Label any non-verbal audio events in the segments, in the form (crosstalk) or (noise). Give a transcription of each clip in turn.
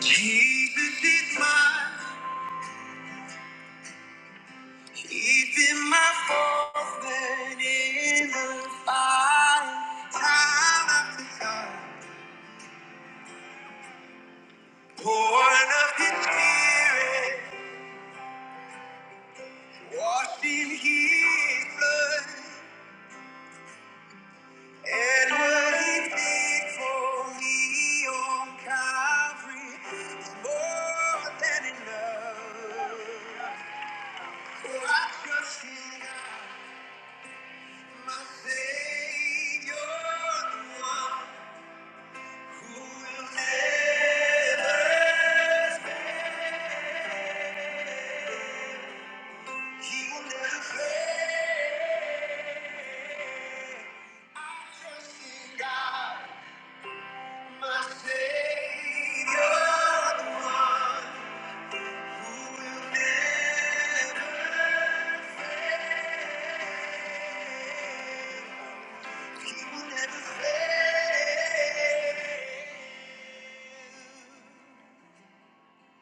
Jesus is mine. He's been my fourth man in the fire, time after time. Born of His Spirit, washed in His blood, and what He did for me on Calvary is more than enough. So I trust in God, my Savior, the one.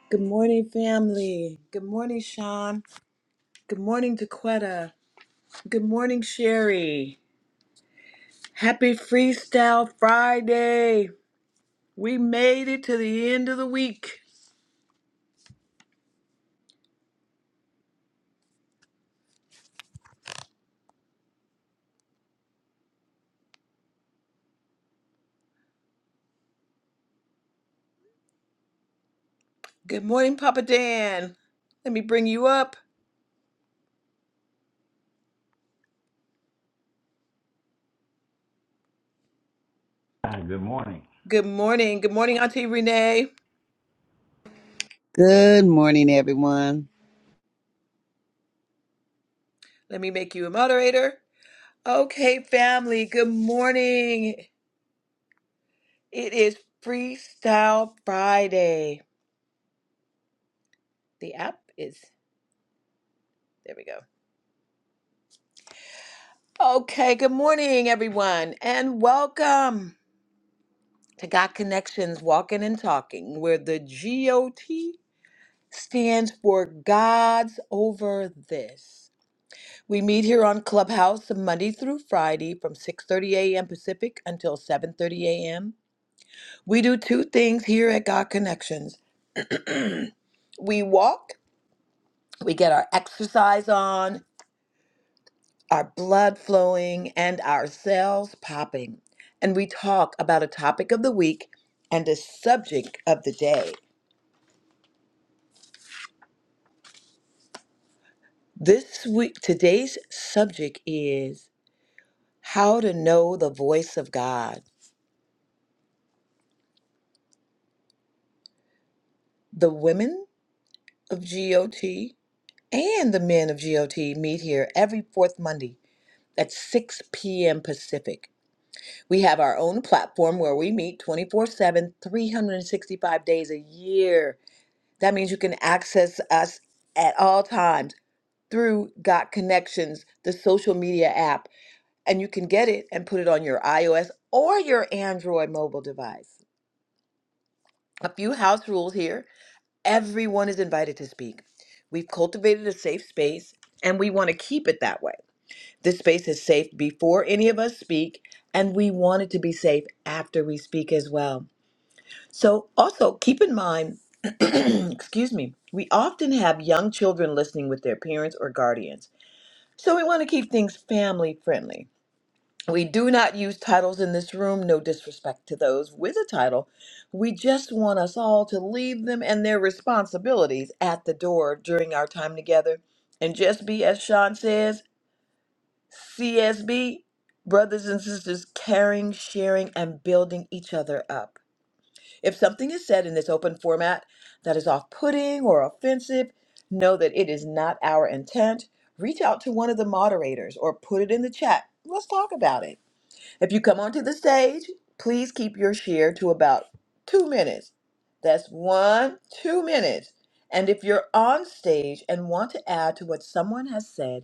Good morning, family. Good morning, Sean. Good morning, Daquetta. Good morning, Sherry. Happy Freestyle Friday. We made it to the end of the week. Good morning, Papa Dan. Let me bring you up. Ah, Good morning. Good morning. Good morning, Auntie Renee. Good morning, everyone. Let me make you a moderator. Okay, family, good morning. It is Freestyle Friday. The app is, there we go. Okay, good morning, everyone, and welcome to Got Connections Walking and Talking, where the GOT stands for God's Over This. We meet here on Clubhouse Monday through Friday from 6:30 a.m. Pacific until 7:30 a.m. We do two things here at God Connections. We walk, we get our exercise on, our blood flowing and our cells popping, and we talk about a topic of the week and a subject of the day. This week today's subject is how to know the voice of God. The women of GOT and the men of GOT meet here every fourth Monday at 6 p.m. Pacific. We have our own platform where we meet 24 7, 365 days a year. That means you can access us at all times through Got Connections, the social media app, and you can get it and put it on your iOS or your Android mobile device. A few house rules here. Everyone is invited to speak. We've cultivated a safe space and we want to keep it that way. This space is safe before any of us speak, and we want it to be safe after we speak as well. So, also keep in mind, (clears throat) excuse me, we often have young children listening with their parents or guardians. So, we want to keep things family friendly. We do not use titles in this room, no disrespect to those with a title. We just want us all to leave them and their responsibilities at the door during our time together and just be, as Sean says, CSB, brothers and sisters, caring, sharing, and building each other up. If something is said in this open format that is off putting or offensive, know that it is not our intent. Reach out to one of the moderators or put it in the chat. Let's talk about it. If you come onto the stage, please keep your share to about two minutes. That's one, two minutes. And if you're on stage and want to add to what someone has said,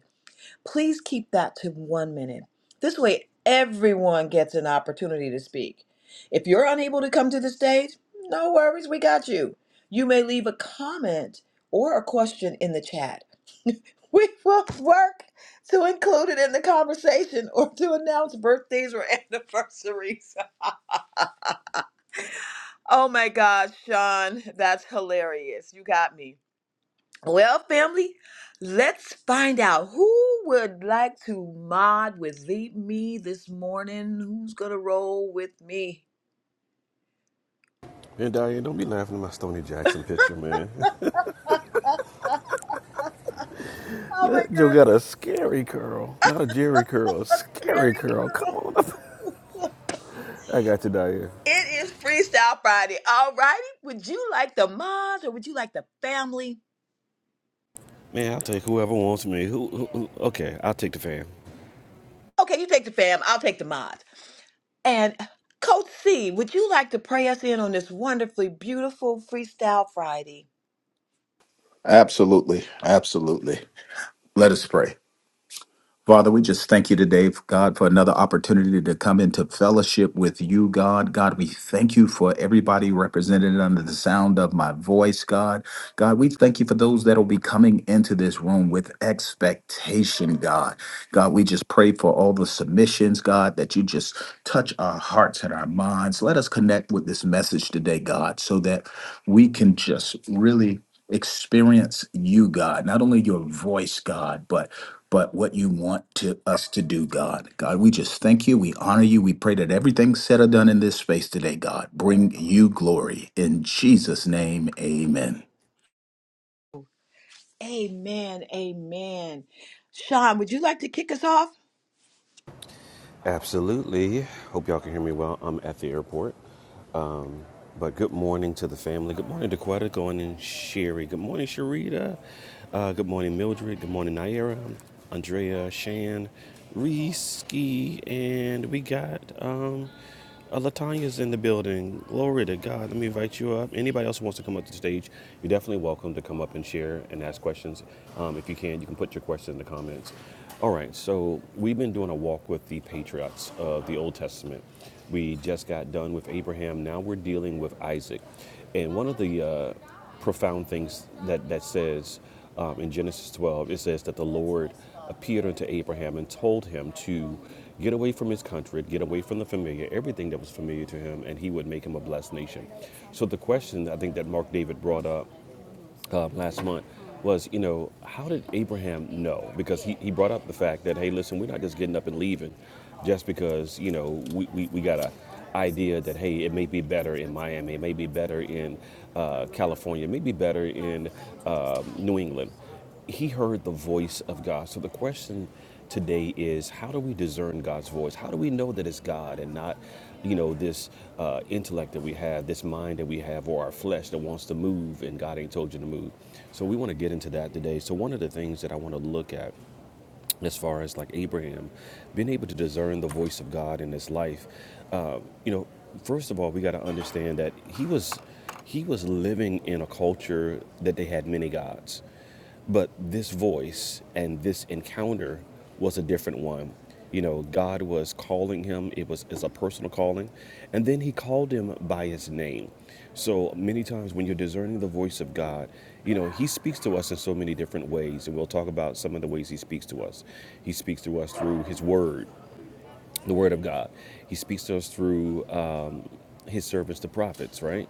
please keep that to one minute. This way, everyone gets an opportunity to speak. If you're unable to come to the stage, no worries, we got you. You may leave a comment or a question in the chat. (laughs) We will work to include it in the conversation or to announce birthdays or (laughs) anniversaries. Oh my gosh, Sean, that's hilarious. You got me. Well, family, let's find out who would like to mod with the- me this morning. Who's gonna roll with me? And Diane, don't be laughing at my Stoney Jackson picture, man. (laughs) (laughs) oh my That Joe God, got a scary curl, not a Jerry curl, a Gary scary curl. Come girl! on (laughs) up. (laughs) I got you, Diane. It is Freestyle Friday. All righty, would you like the mods or would you like the family? Man, I'll take whoever wants me. Who, who, who- Okay, I'll take the fan. Okay, you take the fam. I'll take the mods. And Coach C, would you like to pray us in on this wonderfully beautiful Freestyle Friday? Absolutely. Absolutely. Let us pray. Father, we just thank you today, God, for another opportunity to come into fellowship with you, God. God, we thank you for everybody represented under the sound of my voice, God. God, we thank you for those that will be coming into this room with expectation, God. God, we just pray for all the submissions, God, that you just touch our hearts and our minds. Let us connect with this message today, God, so that we can just really experience you, God, not only your voice, God, but but what you want to us to do, God. God, we just thank you. We honor you. We pray that everything said or done in this space today, God, bring you glory. In Jesus' name, amen. Amen. Amen. Sean, would you like to kick us off? Absolutely. Hope y'all can hear me well. I'm at the airport. Um, but good morning to the family. Good morning to Quetta, going in Sherry. Good morning, Sharita. Uh, good morning, Mildred. Good morning, Naira, Andrea, Shan, Reese, and we got um, Uh, Latanya's in the building. Glory to God. Let me invite you up. Anybody else who wants to come up to the stage, you're definitely welcome to come up and share and ask questions. Um, if you can, you can put your question in the comments. All right, so we've been doing a walk with the patriots of the Old Testament. We just got done with Abraham. Now we're dealing with Isaac. And one of the uh, profound things that, that says um, in Genesis 12. It says that the Lord appeared unto Abraham and told him to get away from his country, get away from the familiar, everything that was familiar to him, and he would make him a blessed nation. So the question I think that Mark David brought up uh, last month was, you know, how did Abraham know? Because he, he brought up the fact that, hey, listen, we're not just getting up and leaving just because, you know, we, we, we got a idea that, hey, it may be better in Miami, it may be better in uh, California, it may be better in uh, New England he heard the voice of God. So the question today is how do we discern God's voice? How do we know that it's God and not, you know, this uh, intellect that we have, this mind that we have, or our flesh that wants to move and God ain't told you to move? So we want to get into that today. So one of the things that I want to look at as far as like Abraham being able to discern the voice of God in his life, uh, you know, first of all, we got to understand that he was he was living in a culture that they had many gods. But this voice and this encounter was a different one. You know, God was calling him. It was is a personal calling, and then He called him by his name. So many times when you're discerning the voice of God, you know He speaks to us in so many different ways, and we'll talk about some of the ways He speaks to us. He speaks to us through His Word, the Word of God. He speaks to us through um, His servants, the prophets, right?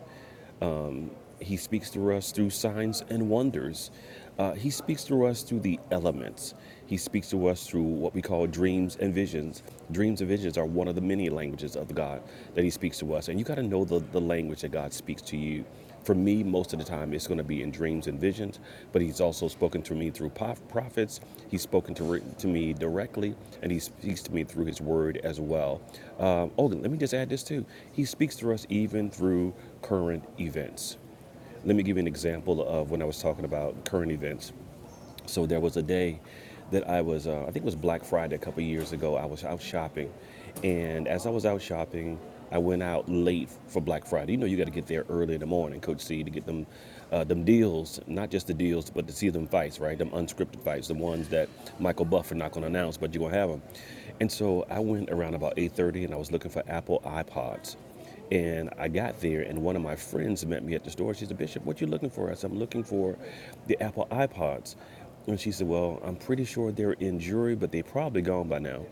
He speaks through us through signs and wonders. Uh, he speaks through us through the elements. He speaks to us through what we call dreams and visions. Dreams and visions are one of the many languages of God that He speaks to us. And you got to know the, the language that God speaks to you. For me, most of the time, it's going to be in dreams and visions, but He's also spoken to me through prophets. He's spoken to, re- to me directly, and He speaks to me through His word as well. Um, oh, let me just add this too He speaks to us even through current events let me give you an example of when I was talking about current events. So there was a day that I was, uh, I think it was Black Friday a couple of years ago. I was out shopping, and as I was out shopping, I went out late for Black Friday. You know, you got to get there early in the morning, Coach C, to get them, uh, them deals. Not just the deals, but to see them fights, right? Them unscripted fights, the ones that Michael Buffer not going to announce, but you're going to have them. And so I went around about 8:30, and I was looking for Apple iPods and I got there, and one of my friends met me at the store. She said, Bishop, what you looking for? I said, I'm looking for the Apple iPods. And she said, Well, I'm pretty sure they're in jury, but they probably gone by now.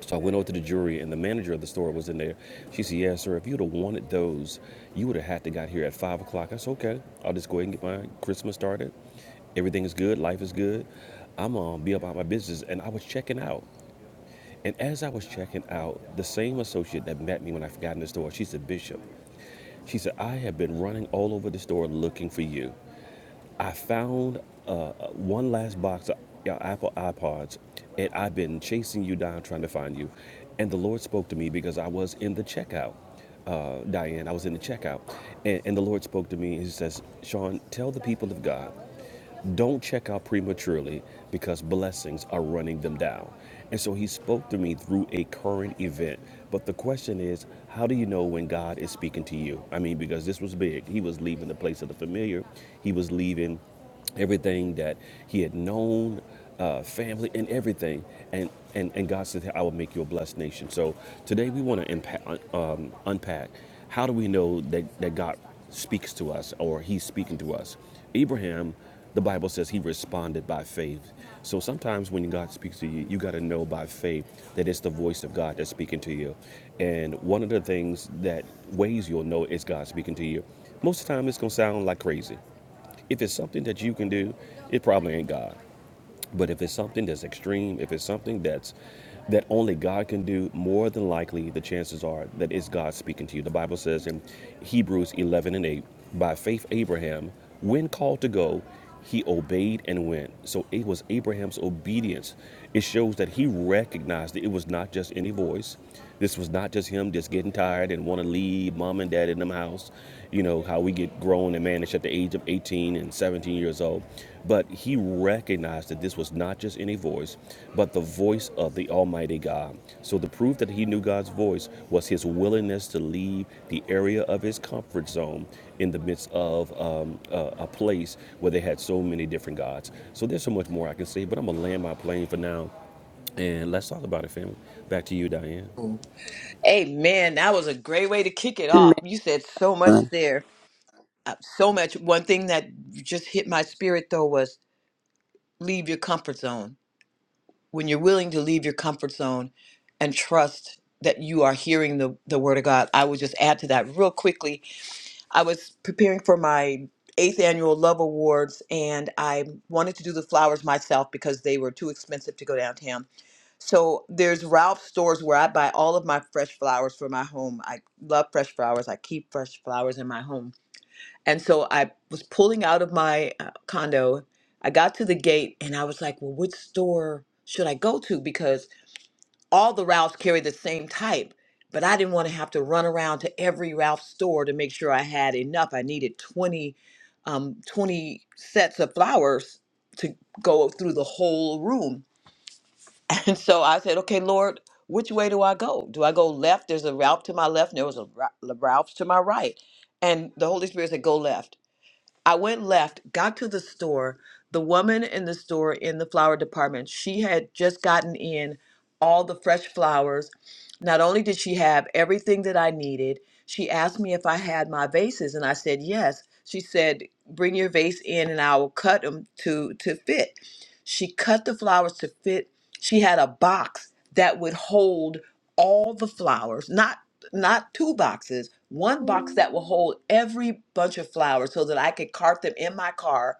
So I went over to the jury, and the manager of the store was in there. She said, "Yeah, sir. If you'd have wanted those, you would have had to got here at five o'clock." I said, "Okay. I'll just go ahead and get my Christmas started. Everything is good. Life is good. I'm gonna be about my business." And I was checking out, and as I was checking out, the same associate that met me when I got in the store, she said, "Bishop." She said, I have been running all over the store looking for you. I found uh, one last box of your Apple iPods, and I've been chasing you down trying to find you. And the Lord spoke to me because I was in the checkout, uh, Diane. I was in the checkout. And, and the Lord spoke to me. He says, Sean, tell the people of God don't check out prematurely because blessings are running them down. And so he spoke to me through a current event. But the question is, how do you know when God is speaking to you? I mean, because this was big. He was leaving the place of the familiar, he was leaving everything that he had known, uh, family, and everything. And, and, and God said, I will make you a blessed nation. So today we want to impa- um, unpack how do we know that, that God speaks to us or he's speaking to us? Abraham the Bible says he responded by faith. So sometimes when God speaks to you, you got to know by faith that it's the voice of God that's speaking to you. And one of the things that ways you'll know it's God speaking to you, most of the time it's going to sound like crazy. If it's something that you can do, it probably ain't God. But if it's something that's extreme, if it's something that's that only God can do, more than likely the chances are that it's God speaking to you. The Bible says in Hebrews 11 and 8, by faith Abraham, when called to go, he obeyed and went. So it was Abraham's obedience. It shows that he recognized that it was not just any voice. This was not just him just getting tired and want to leave mom and dad in the house. You know, how we get grown and managed at the age of 18 and 17 years old. But he recognized that this was not just any voice, but the voice of the Almighty God. So the proof that he knew God's voice was his willingness to leave the area of his comfort zone in the midst of um, a, a place where they had so many different gods. So there's so much more I can say, but I'm going to land my plane for now. And let's talk about it, family. Back to you, Diane. Amen. That was a great way to kick it off. You said so much Uh, there. Uh, so much. One thing that just hit my spirit, though, was leave your comfort zone. When you're willing to leave your comfort zone and trust that you are hearing the, the word of God, I would just add to that real quickly I was preparing for my eighth annual Love Awards, and I wanted to do the flowers myself because they were too expensive to go downtown. So there's Ralph's stores where I buy all of my fresh flowers for my home. I love fresh flowers. I keep fresh flowers in my home. And so I was pulling out of my uh, condo. I got to the gate, and I was like, "Well, which store should I go to?" Because all the Ralphs carry the same type, but I didn't want to have to run around to every Ralph store to make sure I had enough. I needed 20, um, 20 sets of flowers to go through the whole room. (laughs) And so I said, okay, Lord, which way do I go? Do I go left? There's a Ralph to my left, and there was a Ra- Ralph's to my right. And the Holy Spirit said, go left. I went left, got to the store. The woman in the store in the flower department, she had just gotten in all the fresh flowers. Not only did she have everything that I needed, she asked me if I had my vases, and I said yes. She said, "Bring your vase in, and I will cut them to to fit." She cut the flowers to fit. She had a box that would hold all the flowers, not not two boxes, one box that will hold every bunch of flowers so that I could cart them in my car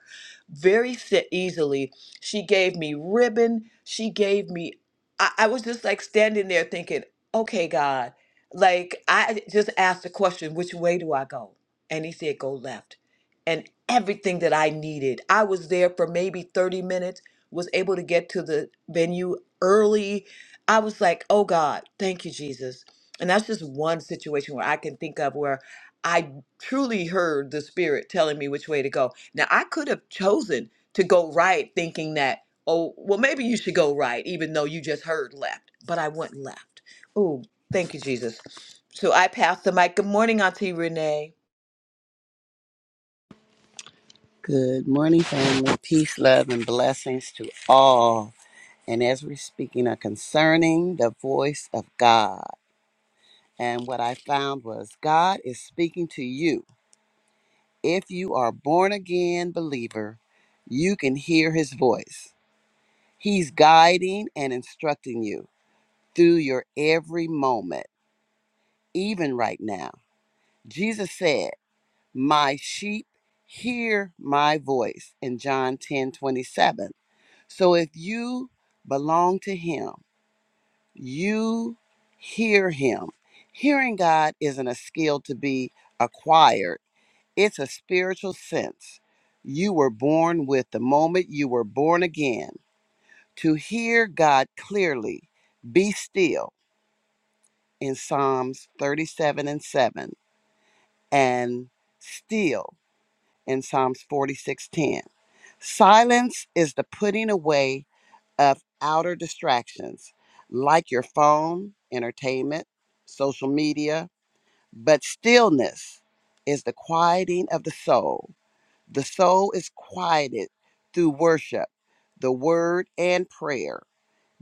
very si- easily. She gave me ribbon. She gave me, I, I was just like standing there thinking, okay, God, like I just asked the question, which way do I go? And he said, go left. And everything that I needed, I was there for maybe 30 minutes, was able to get to the venue early. I was like, oh God, thank you, Jesus and that's just one situation where I can think of where I truly heard the spirit telling me which way to go. Now, I could have chosen to go right thinking that, oh, well, maybe you should go right, even though you just heard left, but I went left. Oh, thank you, Jesus. So I passed the mic. Good morning, Auntie Renee. Good morning, family. Peace, love, and blessings to all. And as we're speaking are concerning the voice of God. And what I found was God is speaking to you. If you are born again believer, you can hear his voice. He's guiding and instructing you through your every moment, even right now. Jesus said, my sheep hear my voice in John 10 27. So if you belong to him, you hear him. Hearing God isn't a skill to be acquired, it's a spiritual sense you were born with the moment you were born again to hear God clearly. Be still in Psalms 37 and 7 and still in Psalms 46:10. Silence is the putting away of outer distractions like your phone, entertainment, social media, but stillness is the quieting of the soul. The soul is quieted through worship, the word, and prayer.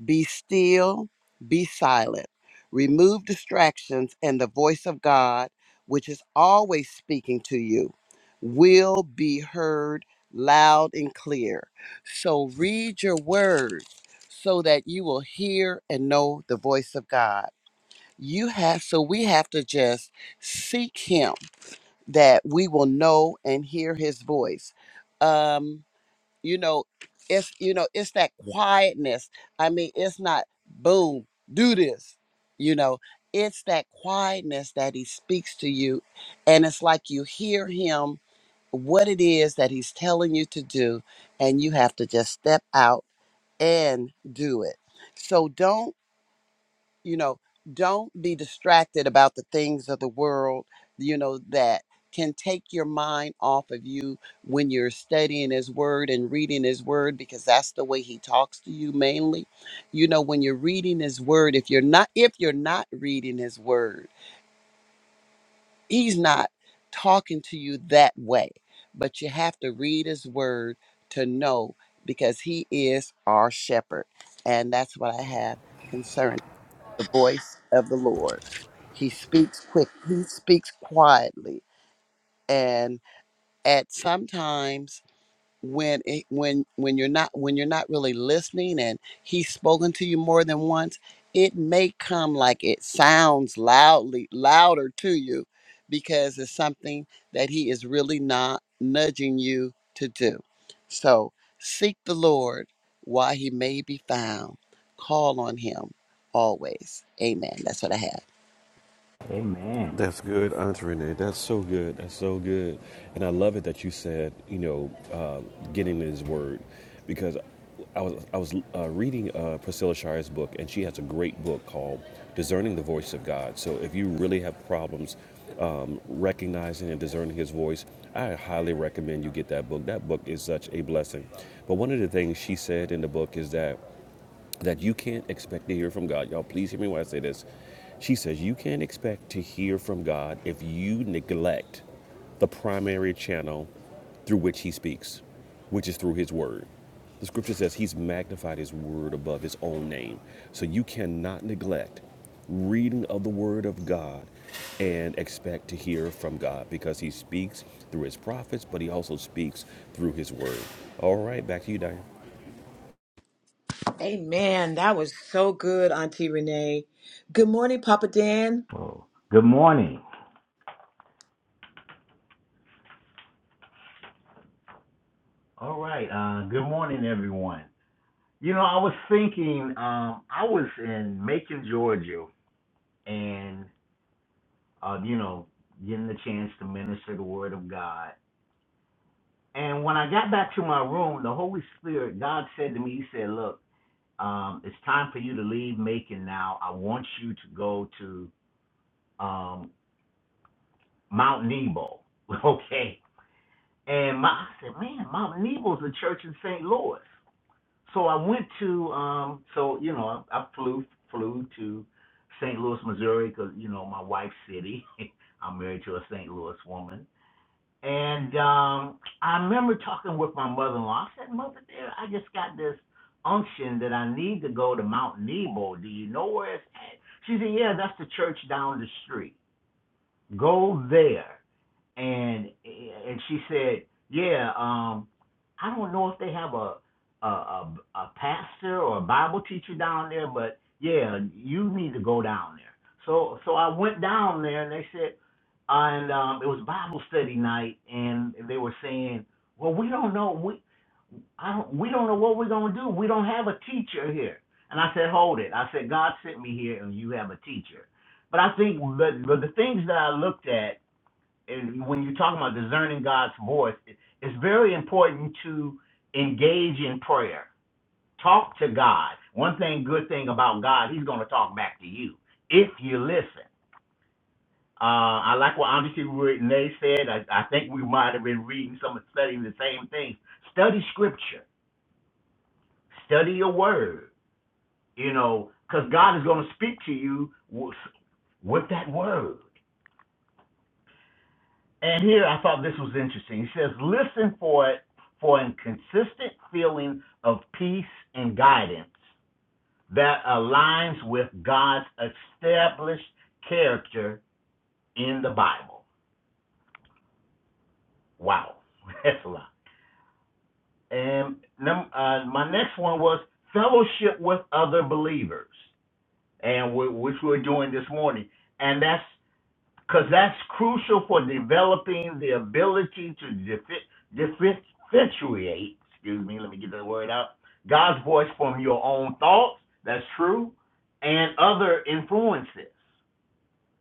Be still, be silent. Remove distractions, and the voice of God, which is always speaking to you, will be heard loud and clear. So read your words so that you will hear and know the voice of God. You have, so we have to just seek Him that we will know and hear His voice. Um, you know it's you know it's that quietness i mean it's not boom do this you know it's that quietness that he speaks to you and it's like you hear him what it is that he's telling you to do and you have to just step out and do it so don't you know don't be distracted about the things of the world you know that can take your mind off of you when you're studying his word and reading his word because that's the way he talks to you mainly you know when you're reading his word if you're not if you're not reading his word he's not talking to you that way but you have to read his word to know because he is our shepherd and that's what i have concern the voice of the Lord. He speaks quick, he speaks quietly. And at sometimes when it, when when you're not when you're not really listening and he's spoken to you more than once it may come like it sounds loudly louder to you because it's something that he is really not nudging you to do so seek the lord while he may be found call on him always amen that's what i have Amen. That's good, Aunt Renee. That's so good. That's so good. And I love it that you said, you know, um, getting in His Word, because I was I was uh, reading uh, Priscilla Shire's book, and she has a great book called "Discerning the Voice of God." So if you really have problems um, recognizing and discerning His voice, I highly recommend you get that book. That book is such a blessing. But one of the things she said in the book is that that you can't expect to hear from God. Y'all, please hear me when I say this. She says, You can't expect to hear from God if you neglect the primary channel through which He speaks, which is through His Word. The scripture says He's magnified His Word above His own name. So you cannot neglect reading of the Word of God and expect to hear from God because He speaks through His prophets, but He also speaks through His Word. All right, back to you, Diane. Amen. That was so good, Auntie Renee. Good morning, Papa Dan. Oh, good morning. All right. Uh, good morning, everyone. You know, I was thinking. Um, I was in Macon, Georgia, and uh, you know, getting the chance to minister the Word of God. And when I got back to my room, the Holy Spirit, God said to me, He said, "Look, um, it's time for you to leave Macon now. I want you to go to um, Mount Nebo." (laughs) Okay. And my, I said, man, Mount Nebo's the church in St. Louis. So I went to, um, so you know, I, I flew flew to St. Louis, Missouri, because you know my wife's city. (laughs) I'm married to a St. Louis woman, and um, I remember talking with my mother-in-law. I said, "Mother dear, I just got this unction that I need to go to Mount Nebo. Do you know where it's at?" She said, "Yeah, that's the church down the street. Go there." and and she said, "Yeah, um, I don't know if they have a a, a a pastor or a Bible teacher down there, but yeah, you need to go down there." So so I went down there, and they said, and um, it was Bible study night, and they were saying, "Well, we don't know we I don't we don't know what we're gonna do. We don't have a teacher here." And I said, "Hold it!" I said, "God sent me here, and you have a teacher." But I think the the, the things that I looked at and when you're talking about discerning God's voice, it's very important to engage in prayer. Talk to God. One thing, good thing about God, He's going to talk back to you if you listen. Uh, I like what Andre Renee said. I, I think we might have been reading some and studying the same things. Study Scripture. Study your Word. You know, because God is going to speak to you with, with that Word. And here I thought this was interesting. He says, listen for it for a consistent feeling of peace and guidance that aligns with God's established character in the Bible. Wow, (laughs) that's a lot. And uh, my next one was fellowship with other believers, and we, which we're doing this morning. And that's because that's crucial for developing the ability to diffi- differentiate, different, excuse me, let me get that word out, God's voice from your own thoughts, that's true, and other influences,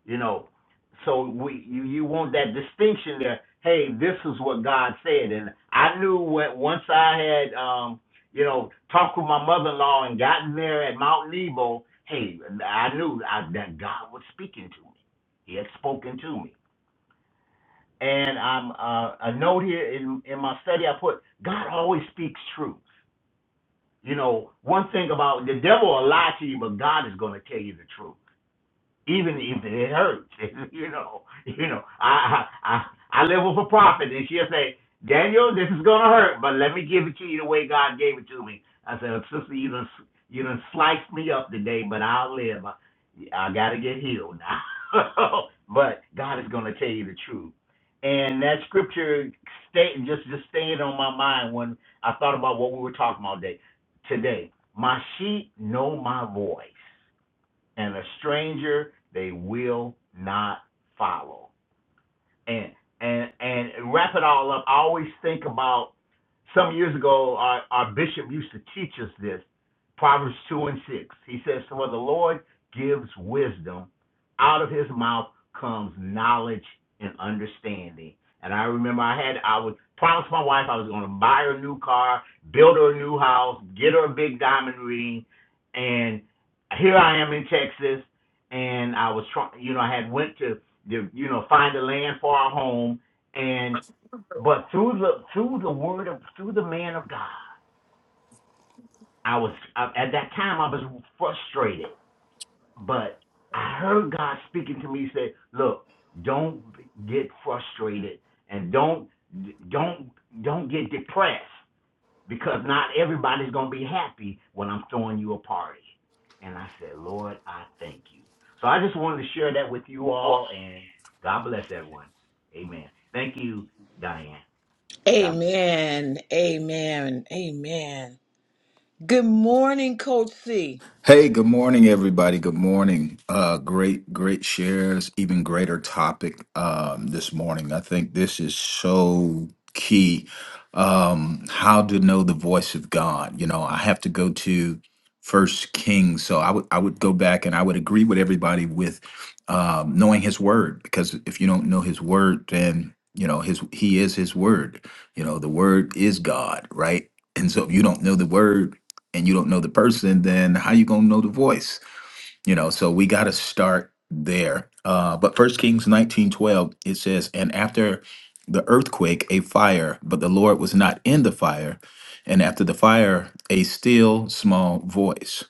you know. So we you, you want that distinction there, hey, this is what God said. And I knew what once I had um, you know, talked with my mother in law and gotten there at Mount Nebo, hey, I knew I, that God was speaking to me. He had spoken to me. And I'm uh, a note here in in my study. I put God always speaks truth. You know, one thing about the devil will lie to you, but God is going to tell you the truth even if it hurts. (laughs) you know, you know, I I I I live with a prophet, and she'll say, Daniel, this is gonna hurt, but let me give it to you the way God gave it to me. I said, "Oh, sister, you done you done sliced me up today, but I'll live. I, I gotta get healed now. (laughs) but God is gonna tell you the truth. And that scripture stay just just staying on my mind when I thought about what we were talking about day, today. My sheep know my voice and a stranger they will not follow and and and wrap it all up. I always think about some years ago. Our, our bishop used to teach us this. Proverbs two and six. He says, "For the Lord gives wisdom; out of His mouth comes knowledge and understanding." And I remember I had I would promise my wife I was going to buy her a new car, build her a new house, get her a big diamond ring, and here I am in Texas, and I was trying. You know, I had went to you you know, find a land for our home, and but through the through the word of through the man of God, I was I, at that time I was frustrated, but I heard God speaking to me. He said, "Look, don't get frustrated, and don't don't don't get depressed because not everybody's going to be happy when I'm throwing you a party. And I said, Lord, I thank you. So I just wanted to share that with you all, and God bless everyone. Amen. Thank you, Diane. God bless. Amen. Amen. Amen. Good morning, Coach C. Hey, good morning, everybody. Good morning. Uh, great, great shares. Even greater topic um, this morning. I think this is so key. Um, how to know the voice of God? You know, I have to go to First Kings, so I would I would go back and I would agree with everybody with um, knowing His Word, because if you don't know His Word, then you know His He is His Word. You know, the Word is God, right? And so if you don't know the Word and you don't know the person, then how you gonna know the voice? You know, so we gotta start there. Uh, but First Kings nineteen twelve it says, and after the earthquake, a fire, but the Lord was not in the fire, and after the fire, a still small voice.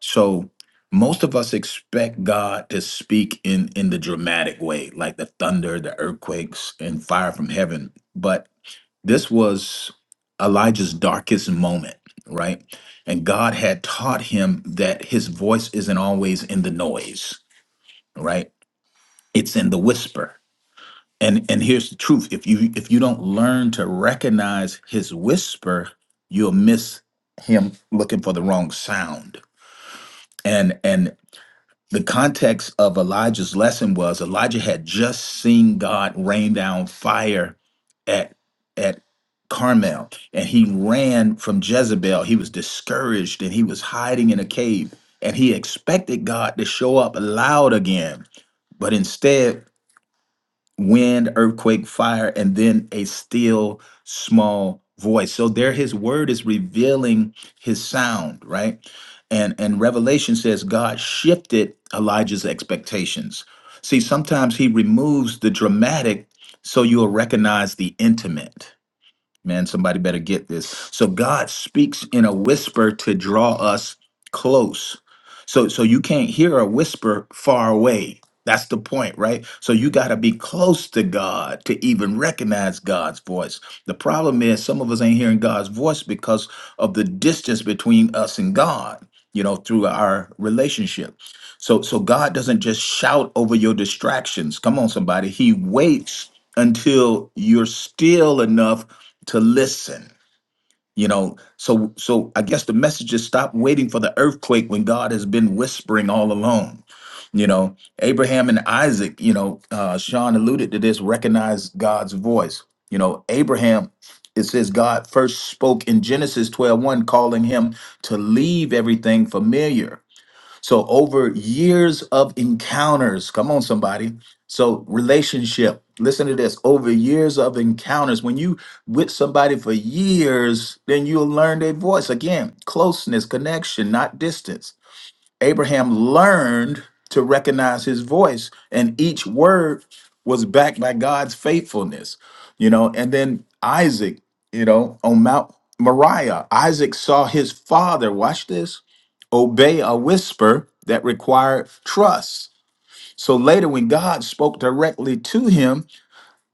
So most of us expect God to speak in in the dramatic way, like the thunder, the earthquakes, and fire from heaven. But this was Elijah's darkest moment, right? And God had taught him that his voice isn't always in the noise, right? It's in the whisper. And and here's the truth. If you if you don't learn to recognize his whisper, you'll miss him looking for the wrong sound. And and the context of Elijah's lesson was Elijah had just seen God rain down fire at at Carmel and he ran from Jezebel. He was discouraged and he was hiding in a cave and he expected God to show up loud again. But instead wind, earthquake, fire, and then a still small voice. So there his word is revealing his sound, right? And and Revelation says God shifted Elijah's expectations. See, sometimes he removes the dramatic so you'll recognize the intimate. Man, somebody better get this. So God speaks in a whisper to draw us close. So so you can't hear a whisper far away. That's the point, right? So you got to be close to God to even recognize God's voice. The problem is some of us ain't hearing God's voice because of the distance between us and God, you know, through our relationship. So so God doesn't just shout over your distractions. Come on somebody. He waits until you're still enough to listen you know so so i guess the message is stop waiting for the earthquake when god has been whispering all along you know abraham and isaac you know uh sean alluded to this recognize god's voice you know abraham it says god first spoke in genesis twelve one, calling him to leave everything familiar so over years of encounters, come on, somebody. So relationship. Listen to this. Over years of encounters, when you with somebody for years, then you'll learn their voice. Again, closeness, connection, not distance. Abraham learned to recognize his voice, and each word was backed by God's faithfulness. You know, and then Isaac, you know, on Mount Moriah, Isaac saw his father. Watch this obey a whisper that required trust. So later, when God spoke directly to him,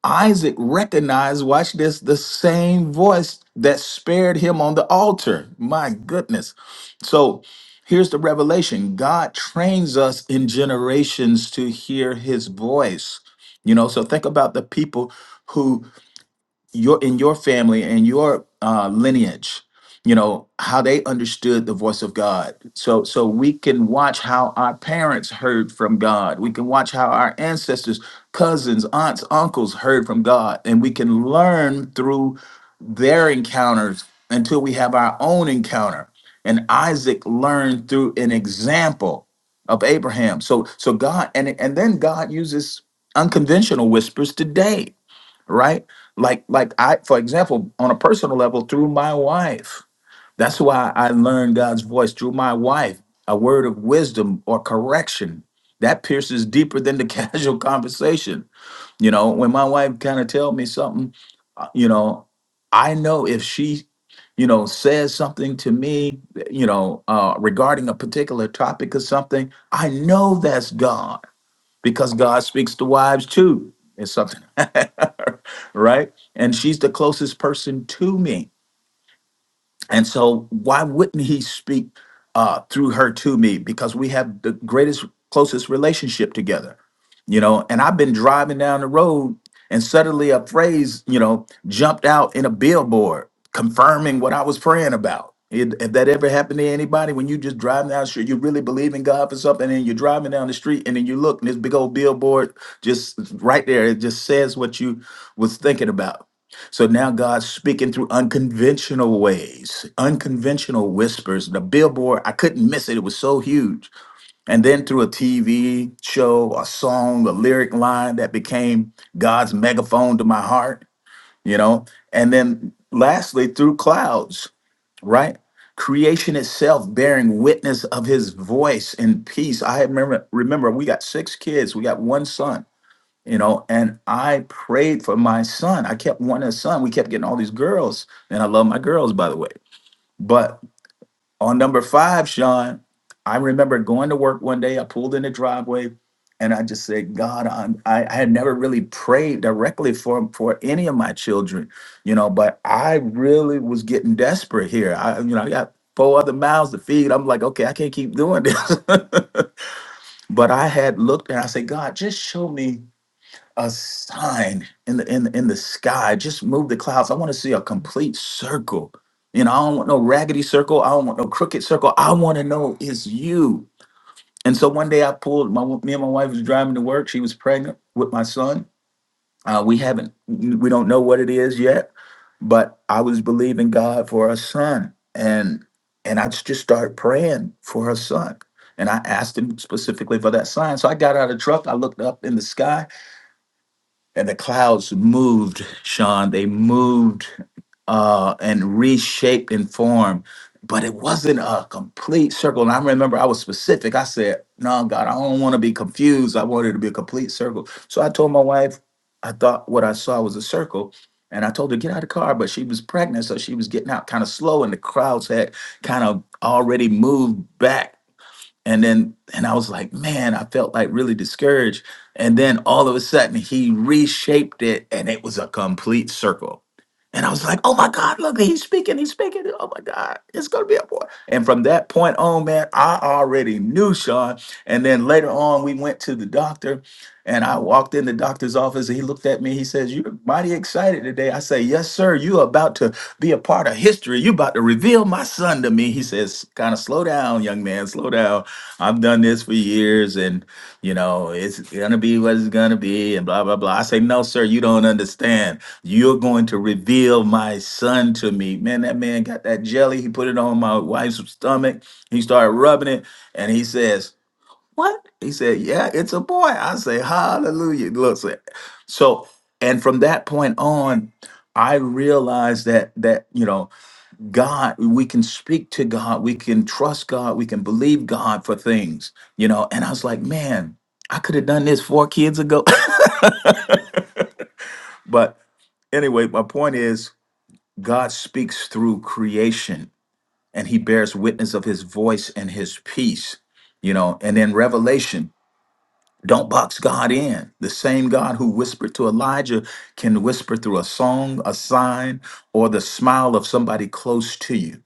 Isaac recognized, watch this, the same voice that spared him on the altar. My goodness. So here's the revelation God trains us in generations to hear his voice. You know, so think about the people who your in your family and your uh, lineage you know how they understood the voice of god so so we can watch how our parents heard from god we can watch how our ancestors cousins aunts uncles heard from god and we can learn through their encounters until we have our own encounter and isaac learned through an example of abraham so so god and and then god uses unconventional whispers today right? Like, like I, for example, on a personal level, through my wife. That's why I learned God's voice through my wife, a word of wisdom or correction that pierces deeper than the (laughs) casual conversation. You know, when my wife kind of tell me something, uh, you know, I know if she, you know, says something to me, you know, uh, regarding a particular topic or something, I know that's God because God speaks to wives too. It's something, (laughs) right? And she's the closest person to me. And so, why wouldn't he speak uh, through her to me? Because we have the greatest, closest relationship together, you know. And I've been driving down the road, and suddenly a phrase, you know, jumped out in a billboard confirming what I was praying about. It, if that ever happened to anybody, when you just driving down the street, you really believe in God for something, and you're driving down the street, and then you look, and this big old billboard just right there, it just says what you was thinking about so now God's speaking through unconventional ways, unconventional whispers. The billboard, I couldn't miss it. It was so huge. And then through a TV show, a song, a lyric line that became God's megaphone to my heart, you know? And then lastly, through clouds, right? Creation itself bearing witness of his voice in peace. I remember remember we got six kids, we got one son you know and i prayed for my son i kept wanting a son we kept getting all these girls and i love my girls by the way but on number five sean i remember going to work one day i pulled in the driveway and i just said god I'm, I, I had never really prayed directly for for any of my children you know but i really was getting desperate here i you know i got four other mouths to feed i'm like okay i can't keep doing this (laughs) but i had looked and i said god just show me a sign in the in the, in the sky. Just move the clouds. I want to see a complete circle. You know, I don't want no raggedy circle. I don't want no crooked circle. I want to know it's you. And so one day I pulled my me and my wife was driving to work. She was pregnant with my son. Uh, we haven't we don't know what it is yet, but I was believing God for a son, and and I just started praying for her son. And I asked him specifically for that sign. So I got out of the truck. I looked up in the sky and the clouds moved, Sean. They moved uh, and reshaped in form, but it wasn't a complete circle. And I remember I was specific. I said, No, God, I don't want to be confused. I wanted it to be a complete circle. So I told my wife, I thought what I saw was a circle. And I told her, get out of the car, but she was pregnant. So she was getting out kind of slow, and the crowds had kind of already moved back and then and i was like man i felt like really discouraged and then all of a sudden he reshaped it and it was a complete circle and i was like oh my god look he's speaking he's speaking oh my god it's gonna be a boy and from that point on man i already knew sean and then later on we went to the doctor and i walked in the doctor's office and he looked at me he says you're mighty excited today i say yes sir you about to be a part of history you about to reveal my son to me he says kind of slow down young man slow down I've done this for years and you know it's gonna be what it's gonna be and blah blah blah. I say, no, sir, you don't understand. You're going to reveal my son to me. Man, that man got that jelly, he put it on my wife's stomach, he started rubbing it, and he says, What? He said, Yeah, it's a boy. I say, Hallelujah. Look, so so- and from that point on, I realized that that, you know. God, we can speak to God, we can trust God, we can believe God for things, you know. And I was like, man, I could have done this four kids ago. (laughs) but anyway, my point is God speaks through creation and he bears witness of his voice and his peace, you know. And then Revelation, don't box God in. The same God who whispered to Elijah can whisper through a song, a sign, or the smile of somebody close to you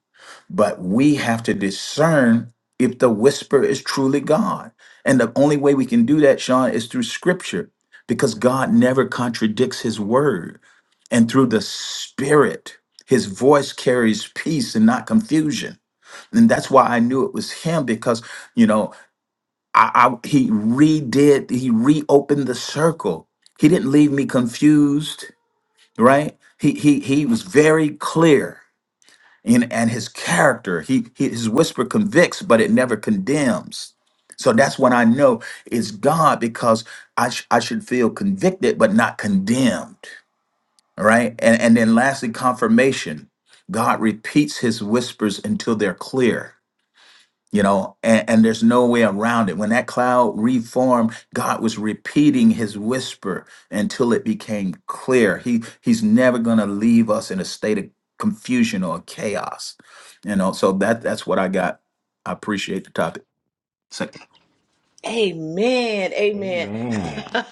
but we have to discern if the whisper is truly God. And the only way we can do that, Sean, is through scripture because God never contradicts his word. And through the spirit, his voice carries peace and not confusion. And that's why I knew it was him because, you know, I, I he redid, he reopened the circle. He didn't leave me confused, right? He he he was very clear and, and his character he, he his whisper convicts but it never condemns so that's when i know it's god because i, sh- I should feel convicted but not condemned all right and, and then lastly confirmation god repeats his whispers until they're clear you know and, and there's no way around it when that cloud reformed god was repeating his whisper until it became clear he he's never going to leave us in a state of confusion or chaos you know so that that's what i got i appreciate the topic Say, Amen. Amen. (laughs) Amen. Amen.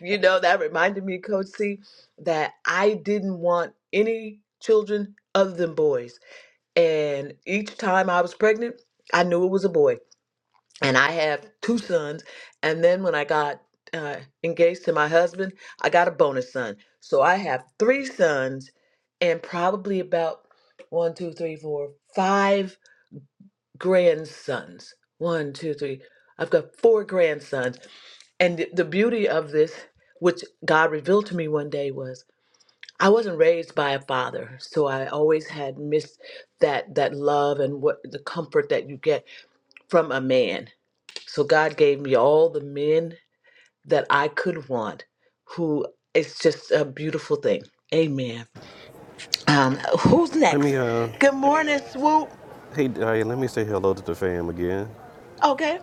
you know, that reminded me, Coach C, that I didn't want any children other than boys. And each time I was pregnant, I knew it was a boy. And I have two sons. And then when I got uh, engaged to my husband, I got a bonus son. So I have three sons and probably about one, two, three, four, five grandsons. One, two, three. I've got four grandsons and the beauty of this, which God revealed to me one day, was I wasn't raised by a father, so I always had missed that that love and what the comfort that you get from a man. So God gave me all the men that I could want. Who it's just a beautiful thing. Amen. Um, who's Let next? me uh, Good morning, Swoop. Hey, Diane, let me say hello to the fam again. Okay.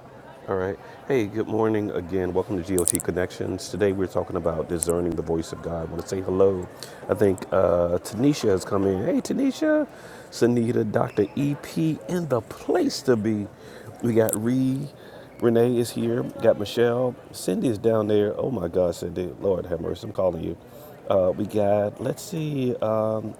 All right. Hey, good morning again. Welcome to GOT Connections. Today we're talking about discerning the voice of God. I want to say hello. I think uh, Tanisha has come in. Hey, Tanisha, Sanita, Dr. EP, in the place to be. We got Ree, Renee is here. Got Michelle. Cindy is down there. Oh my God, Cindy. Lord have mercy. I'm calling you. Uh, we got, let's see, um,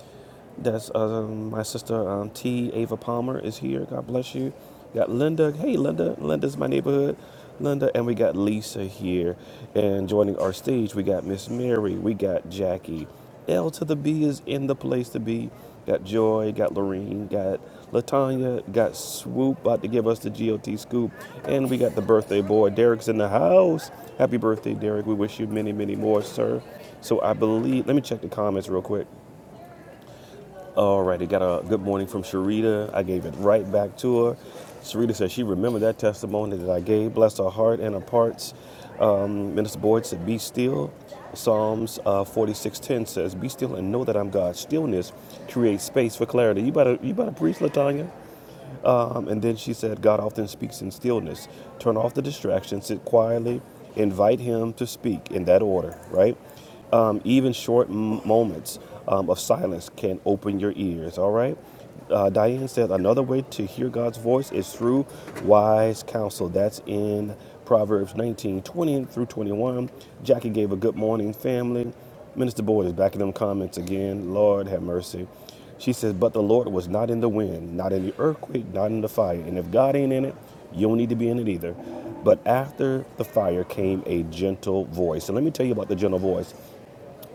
that's uh, my sister um, T. Ava Palmer is here. God bless you. Got Linda. Hey, Linda. Linda's my neighborhood. Linda. And we got Lisa here. And joining our stage, we got Miss Mary. We got Jackie. L to the B is in the place to be. Got Joy. Got Lorene. Got Latanya. Got Swoop about to give us the GOT scoop. And we got the birthday boy. Derek's in the house. Happy birthday, Derek. We wish you many, many more, sir. So I believe, let me check the comments real quick. All righty, got a good morning from Sharita. I gave it right back to her. Sharita says she remembered that testimony that I gave. Bless her heart and her parts. Um, Minister Boyd said, Be still. Psalms uh, 46:10 says, Be still and know that I'm God. Stillness creates space for clarity. You better, you better preach, Latanya. Um, and then she said, God often speaks in stillness. Turn off the distractions, sit quietly, invite Him to speak in that order, right? Um, even short m- moments um, of silence can open your ears, all right? Uh, Diane said, another way to hear God's voice is through wise counsel. That's in Proverbs 19:20 through 21. Jackie gave a good morning, family. Minister Boyd is back in them comments again. Lord have mercy. She says, But the Lord was not in the wind, not in the earthquake, not in the fire. And if God ain't in it, you don't need to be in it either. But after the fire came a gentle voice. So let me tell you about the gentle voice.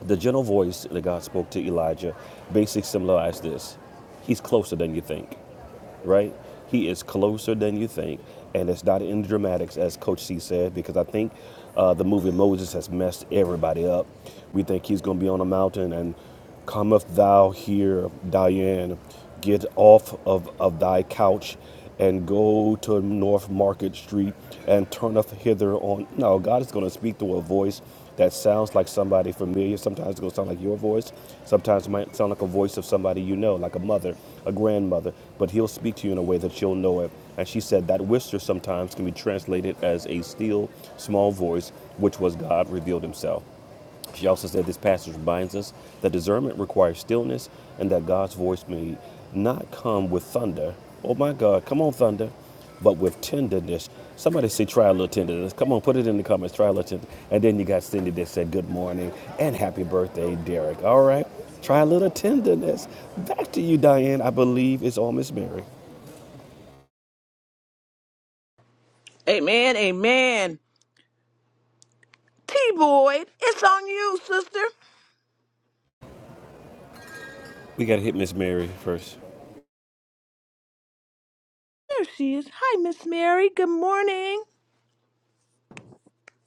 The gentle voice that God spoke to Elijah basically symbolized this He's closer than you think right? He is closer than you think, and it's not in the dramatics, as Coach C said, because I think uh, the movie Moses has messed everybody up. We think he's going to be on a mountain and cometh thou here, Diane, get off of, of thy couch and go to North Market Street and turn up hither on. No, God is going to speak through a voice that sounds like somebody familiar. Sometimes it's going to sound like your voice. Sometimes it might sound like a voice of somebody you know, like a mother, a grandmother. But He'll speak to you in a way that you'll know it. And she said that whisper sometimes can be translated as a still, small voice, which was God revealed Himself. She also said this passage reminds us that discernment requires stillness and that God's voice may not come with thunder. Oh my God, come on, thunder, but with tenderness. Somebody say, try a little tenderness. Come on, put it in the comments, try a little tenderness. And then you got Cindy that said, good morning and happy birthday, Derek. All right, try a little tenderness. Back to you, Diane. I believe it's all Miss Mary. Amen, amen. T Boyd, it's on you, sister. We got to hit Miss Mary first. There she is. Hi, Miss Mary. Good morning.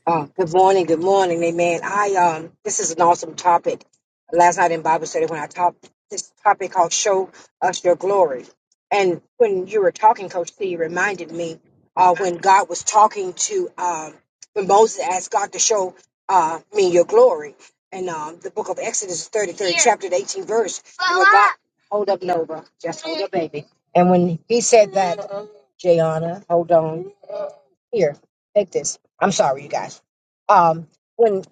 Oh, good morning, good morning, amen. I um, this is an awesome topic. Last night in Bible study, when I taught this topic called "Show Us Your Glory," and when you were talking, Coach C you reminded me uh, when God was talking to um, when Moses asked God to show uh, me your glory, and um, the book of Exodus, thirty third Here. chapter, the eighteen verse, where God hold up Nova, just hold up, baby, and when He said that, Jayana, hold on. Here, take this. I'm sorry, you guys. Um, when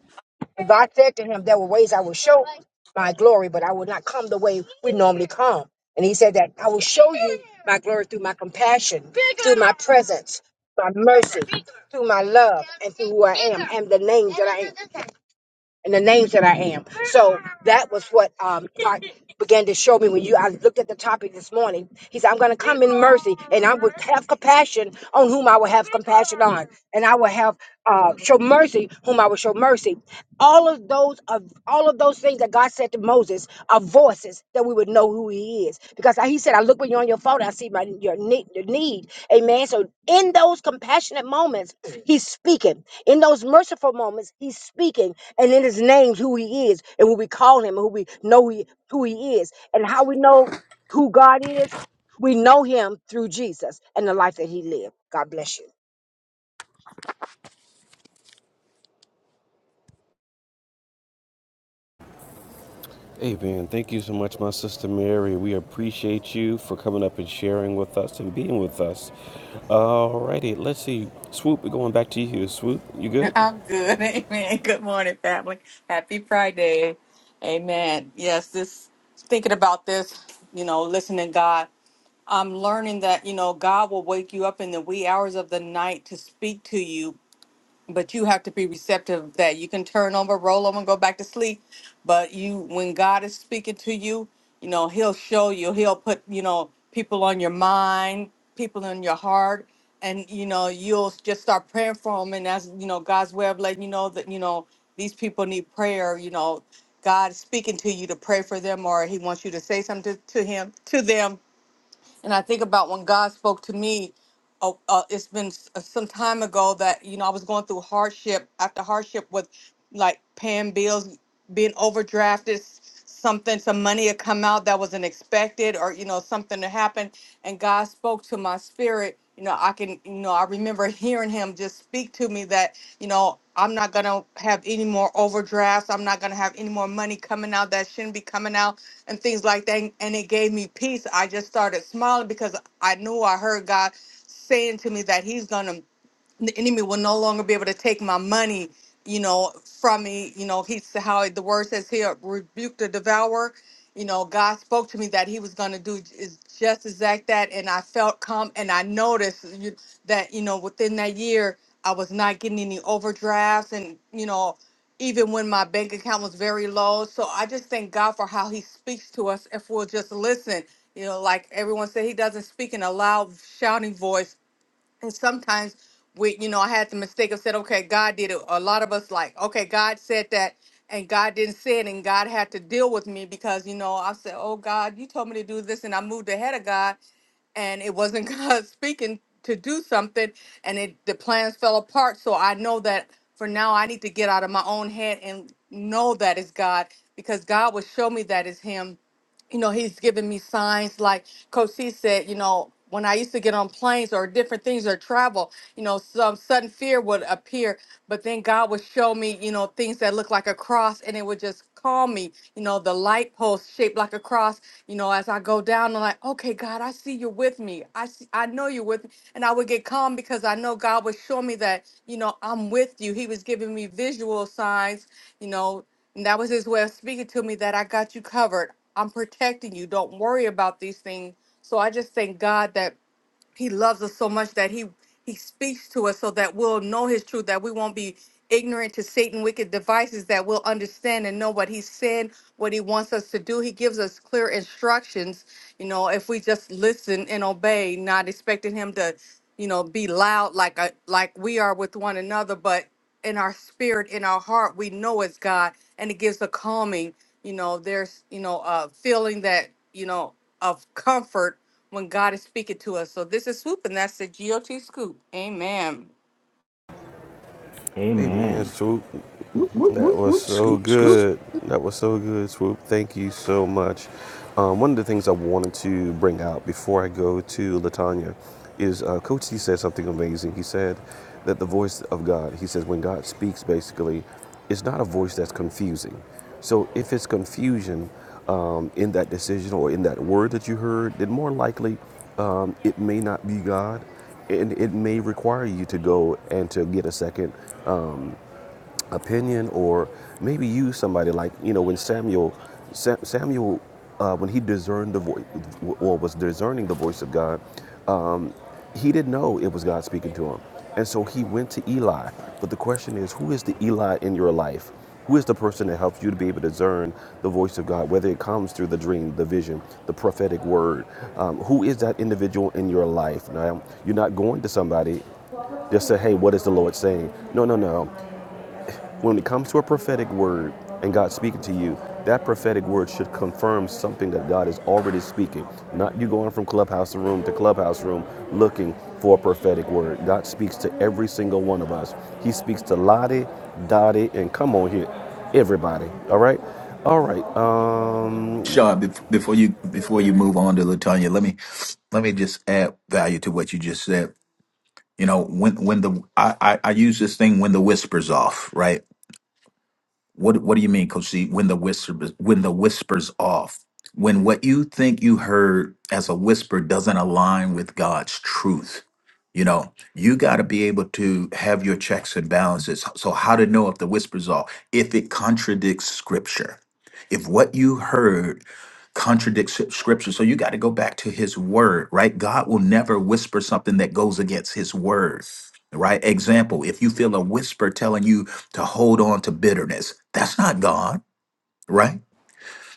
God said to him, There were ways I will show my glory, but I will not come the way we normally come. And he said that I will show you my glory through my compassion, through my presence, my mercy, through my love, and through who I am, and the name that I am. and the names that I am. So that was what um, God began to show me when you. I looked at the topic this morning. He said, "I'm going to come in mercy, and I will have compassion on whom I will have compassion on, and I will have uh, show mercy whom I will show mercy." All of those of all of those things that God said to Moses are voices that we would know who He is, because He said, "I look when you're on your phone, I see my your need, your need." Amen. So in those compassionate moments, He's speaking. In those merciful moments, he's speaking, and in his name, who he is, and who we call him, and who we know he, who he is, and how we know who God is. We know him through Jesus and the life that he lived. God bless you. Hey man, Thank you so much, my sister Mary. We appreciate you for coming up and sharing with us and being with us. Alrighty, let's see. Swoop, we're going back to you. Swoop, you good? I'm good. (laughs) Amen. Good morning, family. Happy Friday. Amen. Yes, this thinking about this, you know, listening God. I'm learning that, you know, God will wake you up in the wee hours of the night to speak to you but you have to be receptive of that. You can turn over, roll over, and go back to sleep. But you, when God is speaking to you, you know He'll show you. He'll put you know people on your mind, people in your heart, and you know you'll just start praying for them. And that's you know God's way of letting you know that you know these people need prayer. You know God is speaking to you to pray for them, or He wants you to say something to, to Him to them and I think about when God spoke to me, Oh, uh, it's been s- uh, some time ago that, you know, I was going through hardship after hardship with like paying bills being overdrafted, something, some money had come out that wasn't expected, or you know, something to happen. And God spoke to my spirit. You know, I can, you know, I remember hearing Him just speak to me that, you know, I'm not gonna have any more overdrafts. I'm not gonna have any more money coming out that shouldn't be coming out, and things like that. And it gave me peace. I just started smiling because I knew I heard God saying to me that He's gonna the enemy will no longer be able to take my money, you know, from me. You know, he's how the word says here, rebuke the devourer. You know, God spoke to me that He was going to do is just exact that, and I felt calm, and I noticed you- that you know within that year I was not getting any overdrafts, and you know, even when my bank account was very low. So I just thank God for how He speaks to us if we'll just listen. You know, like everyone said, He doesn't speak in a loud shouting voice and sometimes we you know i had the mistake of said okay god did it a lot of us like okay god said that and god didn't say it and god had to deal with me because you know i said oh god you told me to do this and i moved ahead of god and it wasn't (laughs) god speaking to do something and it the plans fell apart so i know that for now i need to get out of my own head and know that it's god because god will show me that it's him you know, he's given me signs like Coach C said, you know, when I used to get on planes or different things or travel, you know, some sudden fear would appear, but then God would show me, you know, things that look like a cross and it would just calm me, you know, the light post shaped like a cross, you know, as I go down, I'm like, okay, God, I see you're with me. I see, I know you're with me. And I would get calm because I know God would show me that, you know, I'm with you. He was giving me visual signs, you know, and that was his way of speaking to me that I got you covered. I'm protecting you. Don't worry about these things. So I just thank God that he loves us so much that he he speaks to us so that we'll know his truth, that we won't be ignorant to Satan wicked devices, that we'll understand and know what he's saying, what he wants us to do. He gives us clear instructions, you know, if we just listen and obey, not expecting him to, you know, be loud like a, like we are with one another, but in our spirit, in our heart, we know it's God, and it gives a calming. You know, there's you know a feeling that you know of comfort when God is speaking to us. So this is swoop, and that's the GOT scoop. Amen. Hey man, Amen. Swoop. whoop, whoop, That whoop, was whoop, so scoop scoop good. That was so good, Swoop. Thank you so much. Um, one of the things I wanted to bring out before I go to Latanya is uh, Coach C said something amazing. He said that the voice of God, he says, when God speaks, basically, it's not a voice that's confusing. So if it's confusion um, in that decision or in that word that you heard, then more likely um, it may not be God and it may require you to go and to get a second uh, opinion or maybe use somebody like you know when samuel Sa- samuel uh, when he discerned the voice or was discerning the voice of god um, he didn't know it was god speaking to him and so he went to eli but the question is who is the eli in your life who is the person that helps you to be able to discern the voice of God, whether it comes through the dream, the vision, the prophetic word? Um, who is that individual in your life? Now, you're not going to somebody just say, hey, what is the Lord saying? No, no, no. When it comes to a prophetic word and God speaking to you, that prophetic word should confirm something that God is already speaking. Not you going from clubhouse room to clubhouse room looking for a prophetic word. God speaks to every single one of us. He speaks to Lottie, Dottie, and come on here, everybody. All right? All right. Um, Sean, bef- before you before you move on to Latanya, let me let me just add value to what you just said. You know, when when the I, I, I use this thing when the whispers off, right? What What do you mean, Coach? C? When the whisper when the whispers off, when what you think you heard as a whisper doesn't align with God's truth, you know, you got to be able to have your checks and balances. So, how to know if the whisper's off? If it contradicts Scripture, if what you heard contradicts s- scripture. So you got to go back to his word, right? God will never whisper something that goes against his word, right? Example, if you feel a whisper telling you to hold on to bitterness. That's not God, right?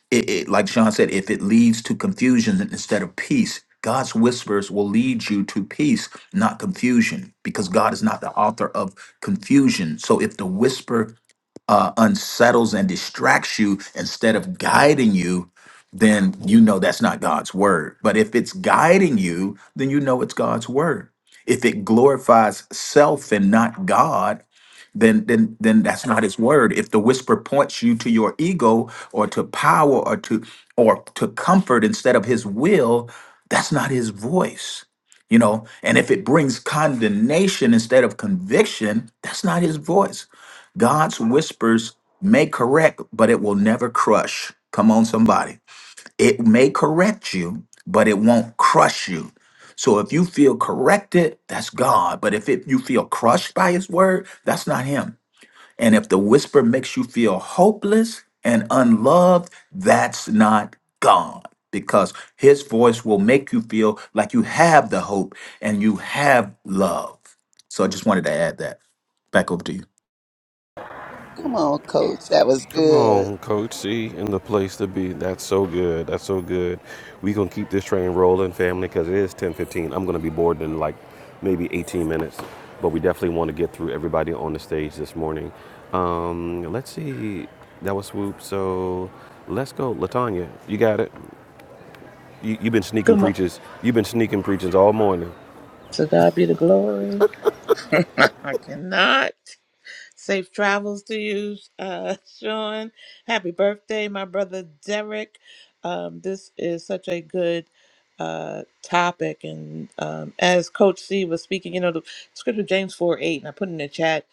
It, it- like Sean said, if it leads to confusion instead of peace, God's whispers will lead you to peace, not confusion, because God is not the author of confusion. So if the whisper uh, unsettles and distracts you instead of guiding you, then you know that's not God's word. But if it's guiding you, then you know it's God's word. If it glorifies self and not God, then then then that's not his word if the whisper points you to your ego or to power or to or to comfort instead of his will that's not his voice you know and if it brings condemnation instead of conviction that's not his voice god's whispers may correct but it will never crush come on somebody it may correct you but it won't crush you so if you feel corrected that's god but if it, you feel crushed by his word that's not him and if the whisper makes you feel hopeless and unloved, that's not God because his voice will make you feel like you have the hope and you have love. So I just wanted to add that. Back over to you. come on coach that was Come good on, Coach C, in the place to be. That's so good. That's so good. We gonna keep this train rolling, family, because it is 10:15. I'm gonna be bored in like maybe 18 minutes, but we definitely want to get through everybody on the stage this morning. Um, let's see. That was swoop. So let's go, Latanya. You got it. You, you've been sneaking Come on, preachers. You've been sneaking preachers all morning. To God be the glory. (laughs) I cannot. Safe travels to you, uh, (laughs) Sean. Happy birthday, my brother Derek. Um, this is such a good uh, topic. And um, as Coach C was speaking, you know, the scripture James 4 8, and I put in the chat,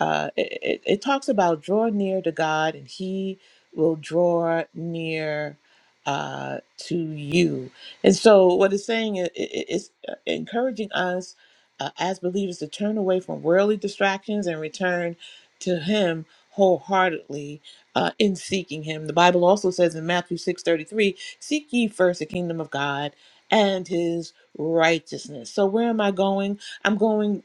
uh, it, it, it talks about draw near to God and he will draw near uh, to you. And so, what it's saying is it, it's encouraging us uh, as believers to turn away from worldly distractions and return to him wholeheartedly uh, in seeking him. The Bible also says in Matthew 6:33, "Seek ye first the kingdom of God and his righteousness." So where am I going? I'm going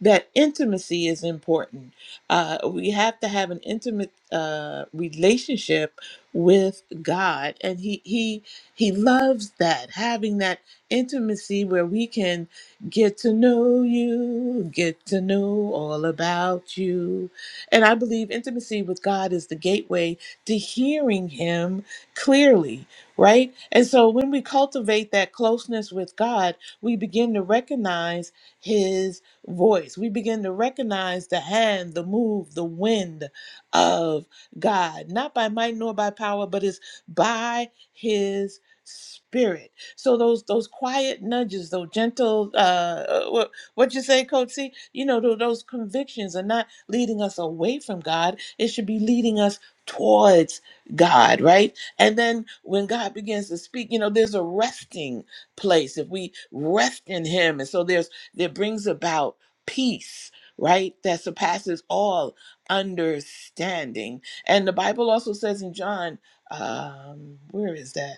that intimacy is important. Uh, we have to have an intimate uh, relationship with God, and he he he loves that having that intimacy where we can get to know you, get to know all about you and I believe intimacy with God is the gateway to hearing Him clearly, right? And so when we cultivate that closeness with God, we begin to recognize His voice. We begin to recognize the hand, the move, the wind of God, not by might nor by power, but it's by His spirit so those those quiet nudges those gentle uh what what you say coach C? you know tho- those convictions are not leading us away from God. It should be leading us towards God, right? And then when God begins to speak, you know, there's a resting place. If we rest in Him, and so there's that brings about peace, right? That surpasses all understanding. And the Bible also says in John, um, where is that?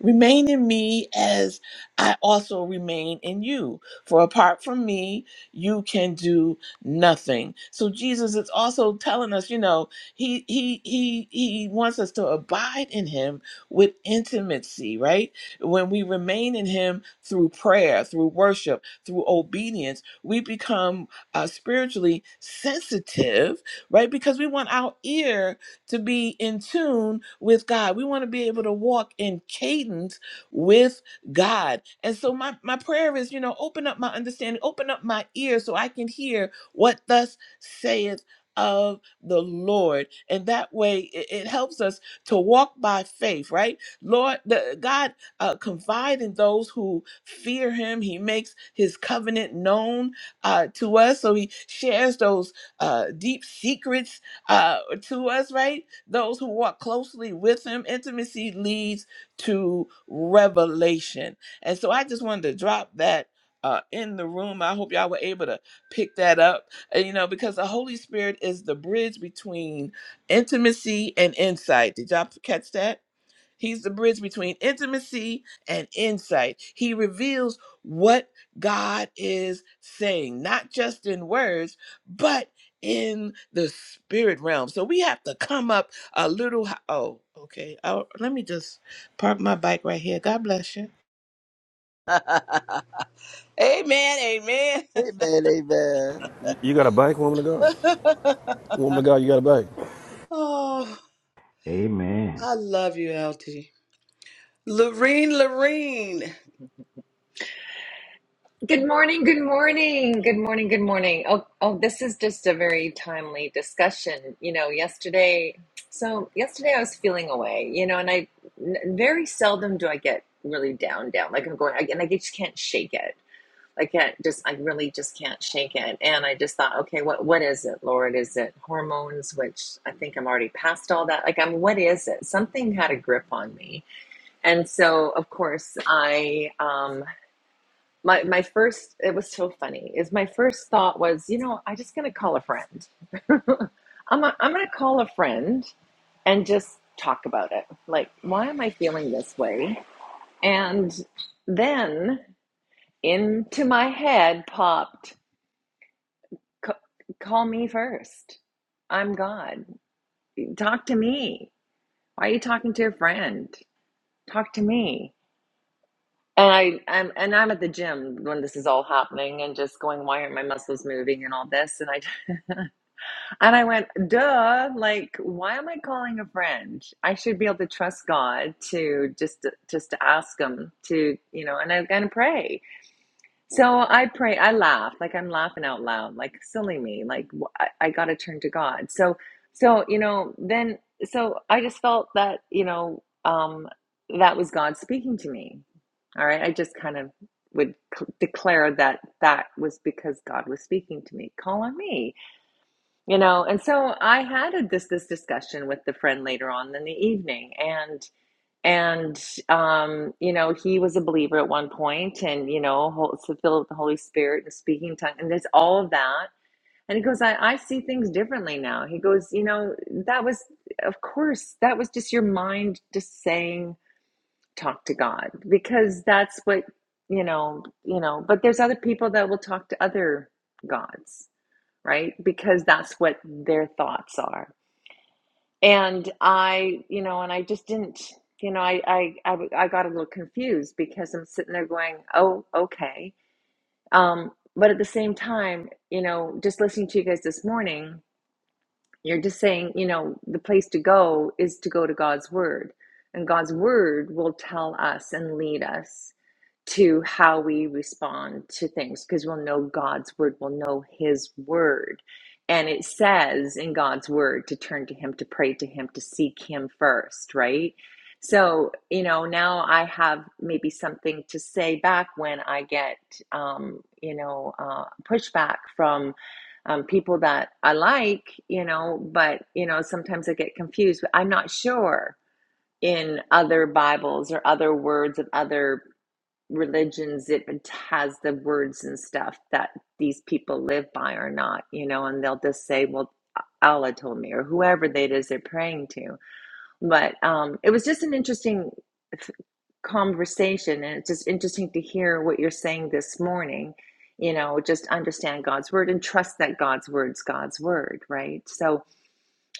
Remain in me as I also remain in you. For apart from me, you can do nothing. So Jesus is also telling us, you know, he he he he wants us to abide in him with intimacy, right? When we remain in him through prayer, through worship, through obedience, we become uh, spiritually sensitive, right? Because we want our ear to be in tune with God. We want to be able to walk in cadence with God. And so my, my prayer is, you know, open up my understanding, open up my ears so I can hear what thus saith of the Lord. And that way it, it helps us to walk by faith, right? Lord, the, God uh, confide in those who fear him. He makes his covenant known uh, to us. So he shares those uh, deep secrets uh, to us, right? Those who walk closely with Him, intimacy leads to revelation. And so I just wanted to drop that uh, in the room. I hope y'all were able to pick that up, uh, you know, because the Holy Spirit is the bridge between intimacy and insight. Did y'all catch that? He's the bridge between intimacy and insight. He reveals what God is saying, not just in words, but in the spirit realm. So we have to come up a little. Hi- oh, okay. Oh, let me just park my bike right here. God bless you. (laughs) amen. Amen. amen amen You you got a bike, woman of God. Woman of God, you got a bike. Oh, Amen. I love you, LT. Lorene, Lorene. Good morning, good morning, good morning, good morning. Oh, oh, this is just a very timely discussion. You know, yesterday, so yesterday I was feeling away, you know, and I n- very seldom do I get really down, down. Like I'm going, I, and I just can't shake it. I can't just, I really just can't shake it. And I just thought, okay, what, what is it, Lord? Is it hormones, which I think I'm already past all that? Like, I'm, what is it? Something had a grip on me. And so, of course, I, um, my my first it was so funny is my first thought was you know i'm just gonna call a friend i'm, i I'm gonna call a friend and just talk about it like why am i feeling this way and then into my head popped "C- call me first i'm god talk to me why are you talking to a friend talk to me and I, I'm and I'm at the gym when this is all happening and just going, why aren't my muscles moving and all this? And I And I went, duh, like, why am I calling a friend? I should be able to trust God to just just to ask him to, you know, and I'm gonna pray. So I pray, I laugh, like I'm laughing out loud, like silly me, like I, I gotta turn to God. So so, you know, then so I just felt that, you know, um that was God speaking to me. All right. I just kind of would c- declare that that was because God was speaking to me. Call on me you know and so i had a, this this discussion with the friend later on in the evening and and um you know he was a believer at one point and you know hol- so filled with the holy spirit and speaking tongue and there's all of that and he goes I, I see things differently now he goes you know that was of course that was just your mind just saying talk to god because that's what you know you know but there's other people that will talk to other gods right? Because that's what their thoughts are. And I, you know, and I just didn't, you know, I, I, I, I got a little confused because I'm sitting there going, oh, okay. Um, but at the same time, you know, just listening to you guys this morning, you're just saying, you know, the place to go is to go to God's word. And God's word will tell us and lead us to how we respond to things because we'll know God's word, we'll know his word. And it says in God's word to turn to him, to pray to him, to seek him first, right? So, you know, now I have maybe something to say back when I get, um, you know, uh, pushback from um, people that I like, you know, but, you know, sometimes I get confused. I'm not sure in other Bibles or other words of other religions it has the words and stuff that these people live by or not, you know, and they'll just say, well, Allah told me, or whoever that is they're praying to. But um, it was just an interesting conversation, and it's just interesting to hear what you're saying this morning. You know, just understand God's word and trust that God's word's God's word, right? So,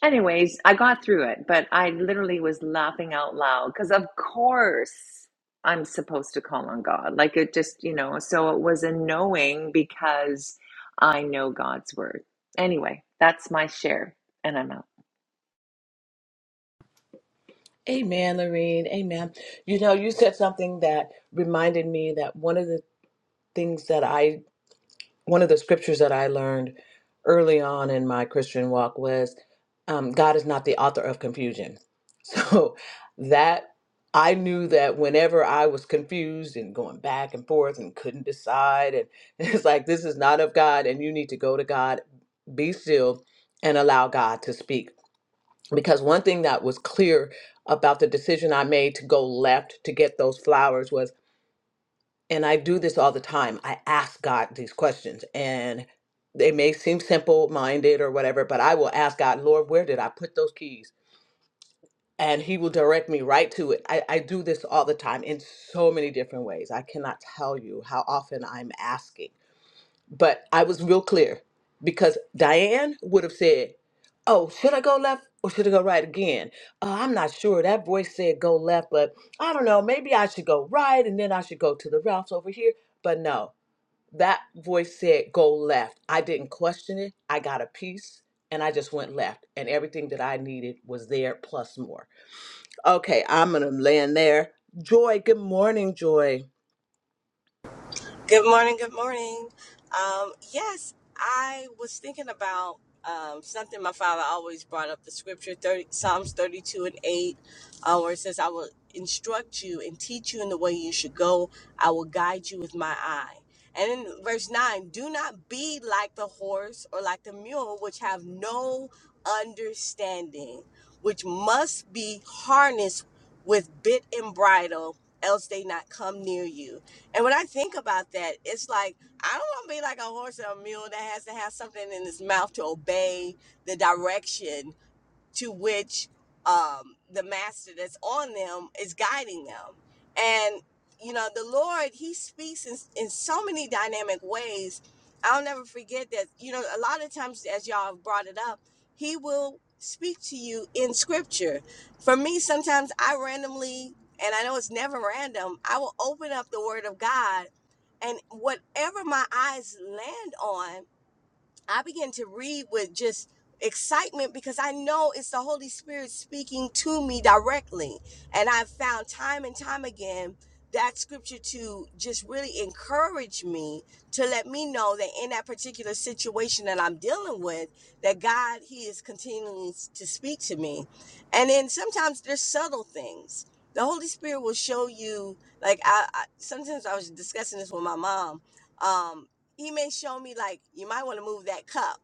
Anyways, I got through it, but I literally was laughing out loud because, of course, I'm supposed to call on God. Like it just, you know, so it was a knowing because I know God's word. Anyway, that's my share, and I'm out. Amen, Lorene. Amen. You know, you said something that reminded me that one of the things that I one of the scriptures that I learned early on in my Christian walk was um, God is not the author of confusion. (laughs) So that I knew that whenever I was confused and going back and forth and couldn't decide, and (laughs) it's like, this is not of God, and you need to go to God, be still, and allow God to speak. Because one thing that was clear about the decision I made to go left to get those flowers was and I do this all the time. I ask God these questions, and they may seem simple minded or whatever, but I will ask God, Lord, where did I put those keys? And He will direct me right to it. I, I do this all the time in so many different ways. I cannot tell you how often I'm asking, but I was real clear because Diane would have said, Oh, should I go left? Or should I go right again? Uh, I'm not sure. That voice said go left, but I don't know. Maybe I should go right and then I should go to the Ralphs over here. But no, that voice said go left i didn't question it i got a piece and i just went left and everything that i needed was there plus more okay i'm gonna land there joy good morning joy Good morning. Good morning. Um, yes, I was thinking about um, something my father always brought up the scripture 30, Psalms 32 and 8, uh, where it says, I will instruct you and teach you in the way you should go, I will guide you with my eye. And in verse 9, do not be like the horse or like the mule, which have no understanding, which must be harnessed with bit and bridle, else they not come near you and when I think about that, it's like I don't want to be like a horse or a mule that has to have something in its mouth to obey the direction to which um, the master that's on them is guiding them. And, you know, the Lord, He speaks in, in so many dynamic ways. I'll never forget that, you know, a lot of times, as y'all have brought it up, He will speak to you in scripture. For me, sometimes I randomly, and I know it's never random, I will open up the Word of God and whatever my eyes land on I began to read with just excitement because I know it's the Holy Spirit speaking to me directly. And I've found time and time again that scripture to just really encourage me to let me know that in that particular situation that I'm dealing with, that God, He is continuing to speak to me. And then sometimes there's subtle things. The Holy Spirit will show you, like I, I sometimes I was discussing this with my mom. Um, he may show me like you might want to move that cup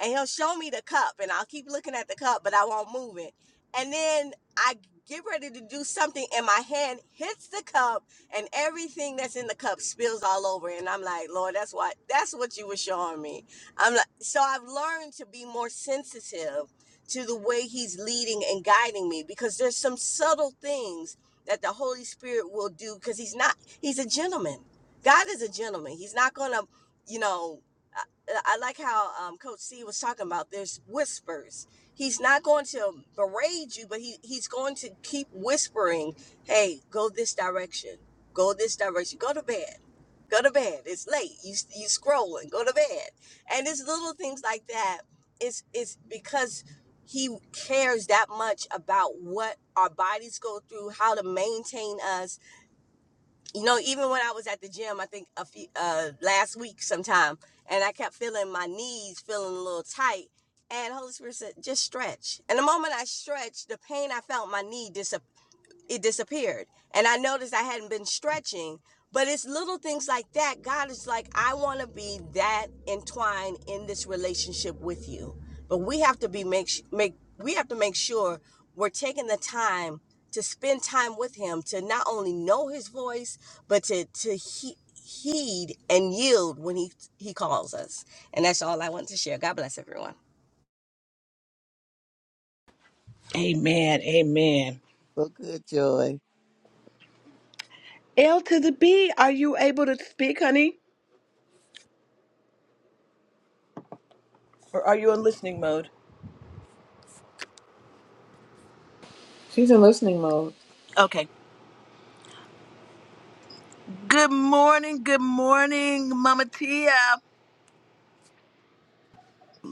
and he'll show me the cup and i'll keep looking at the cup but i won't move it and then i get ready to do something and my hand hits the cup and everything that's in the cup spills all over and i'm like lord that's what that's what you were showing me i'm like so i've learned to be more sensitive to the way he's leading and guiding me because there's some subtle things that the holy spirit will do because he's not he's a gentleman god is a gentleman he's not gonna you know, I, I like how um, Coach C was talking about there's whispers. He's not going to berate you, but he, he's going to keep whispering, hey, go this direction, go this direction, go to bed, go to bed. It's late. You, you scrolling, go to bed. And it's little things like that. It's, it's because he cares that much about what our bodies go through, how to maintain us, you know, even when I was at the gym, I think a few uh, last week sometime, and I kept feeling my knees feeling a little tight. And Holy Spirit said, just stretch. And the moment I stretched, the pain I felt in my knee disappeared it disappeared. And I noticed I hadn't been stretching. But it's little things like that. God is like, I want to be that entwined in this relationship with you. But we have to be make make we have to make sure we're taking the time to spend time with him to not only know his voice, but to to he, heed and yield when he he calls us. And that's all I want to share. God bless everyone. Amen. Amen. so good joy l to the b are you able to speak honey or are you in listening mode She's in listening mode. okay good morning good morning mama tia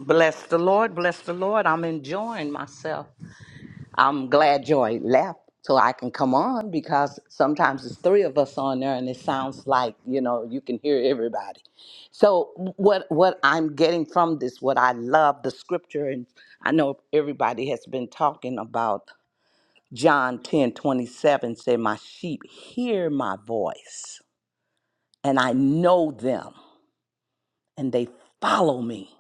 Bless the Lord, bless the Lord. I'm enjoying myself. I'm glad Joy left so I can come on because sometimes there's three of us on there and it sounds like, you know, you can hear everybody. So what what I'm getting from this, what I love, the scripture, and I know everybody has been talking about John ten twenty seven 27, say, My sheep hear my voice, and I know them, and they follow me.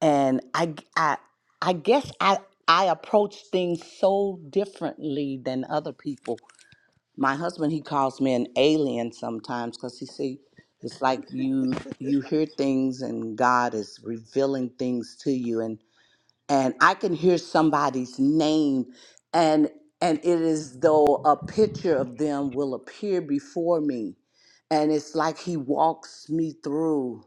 and I g- I I guess I I approach things so differently than other people. My husband he calls me an alien sometimes because he say it's like you you hear things and God is revealing things to you and and I can hear somebody's name and and it is though a picture of them will appear before me and it's like he walks me through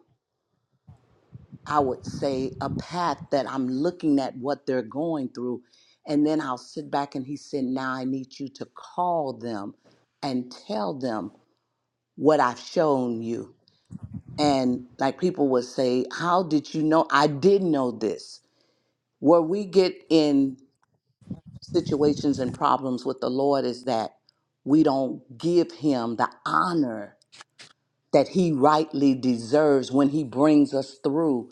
I would say, a path that I'm looking at what they're going through. And then I'll sit back and he said, Now I need you to call them and tell them what I've shown you. And like people would say, How did you know? I did know this. Where we get in situations and problems with the Lord is that we don't give him the honor that he rightly deserves when he brings us through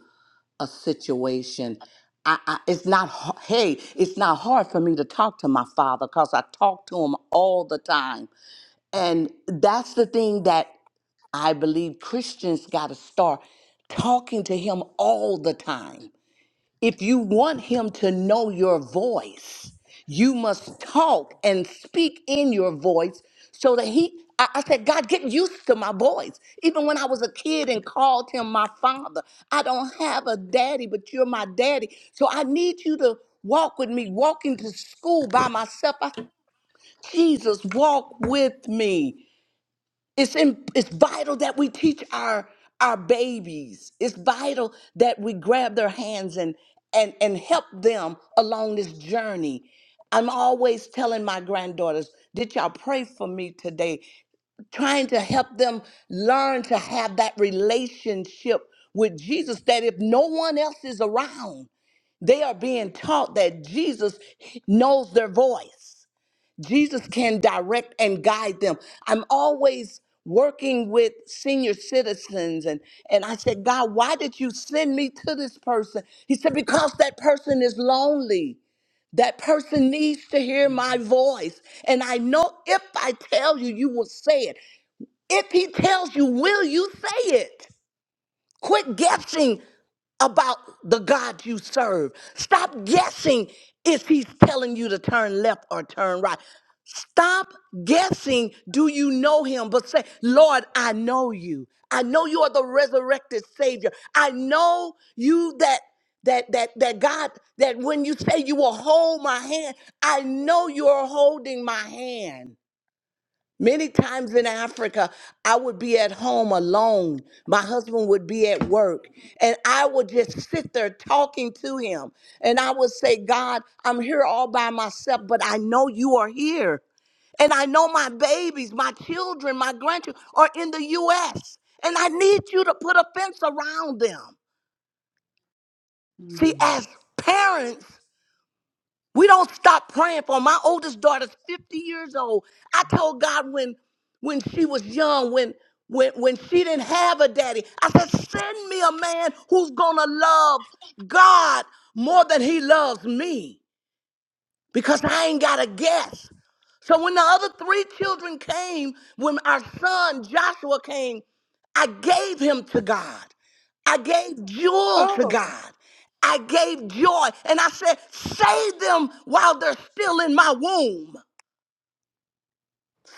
a situation. I, I, it's not h- hey, it's not hard for me to talk to my father because I talk to him all the time, and that's the thing that I believe Christians got to start talking to him all the time if you want him to know your voice, you must talk and speak in your voice so that he. I, I said, God, get used to my voice. Even when I was a kid and called him my father, I don't have a daddy, but you're my daddy. So I need you to walk with me, walking to school by myself. I, Jesus, walk with me. It's in, it's vital that we teach our our babies. It's vital that we grab their hands and and and help them along this journey. I'm always telling my granddaughters, did y'all pray for me today? Trying to help them learn to have that relationship with Jesus that if no one else is around, they are being taught that Jesus knows their voice Jesus can direct and guide them. I'm always working with senior citizens and and I said, "God, why did you send me to this person?" He said, "Because that person is lonely. That person needs to hear my voice. And I know if I tell you, you will say it. If he tells you, will you say it?" Quit guessing about the God you serve. Stop guessing if he's telling you to turn left or turn right. Stop guessing, do you know him? But say, Lord, I know you. I know you are the resurrected Savior. I know you that that that that God that when you say you will hold my hand, I know you're holding my hand. Many times in Africa, I would be at home alone. My husband would be at work, and I would just sit there talking to him. And I would say, God, I'm here all by myself, but I know you are here. And I know my babies, my children, my grandchildren are in the U.S., and I need you to put a fence around them. See, Mm. as parents, we don't stop praying for 'em. my oldest daughter's 50 years old. I told God when when she was young, when when when she didn't have a daddy, I said, send me a man who's gonna love God more than he loves me because I ain't got a guess. So when the other three children came, when our son Joshua came, I gave him to God. I gave Jewel to oh God. I gave joy. And I said, save them while they're still in my womb.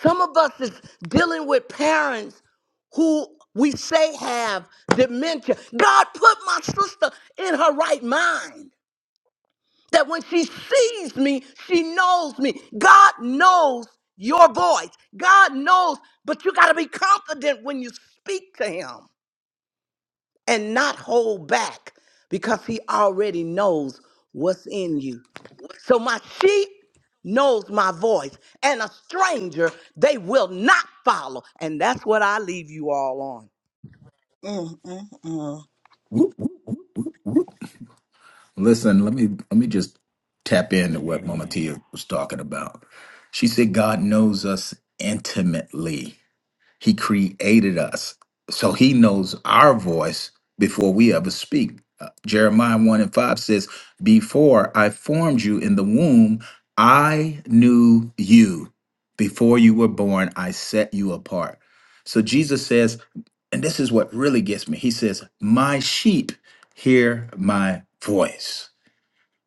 Some of us is dealing with parents who we say have dementia. God put my sister in her right mind that when she sees me, she knows me. God knows your voice. God knows, but you got to be confident when you speak to him and not hold back because he already knows what's in you. So my sheep knows my voice and a stranger they will not follow. And that's what I leave you all on. Mm, mm, mm. Whoop. Listen, let me let me just tap into what Mama Amen. Tia was talking about. She said God knows us intimately. He created us. So he knows our voice before we ever speak. Uh, Jeremiah 1 and 5 says, Before I formed you in the womb, I knew you. Before you were born, I set you apart. So Jesus says, and this is what really gets me. He says, My sheep hear my voice.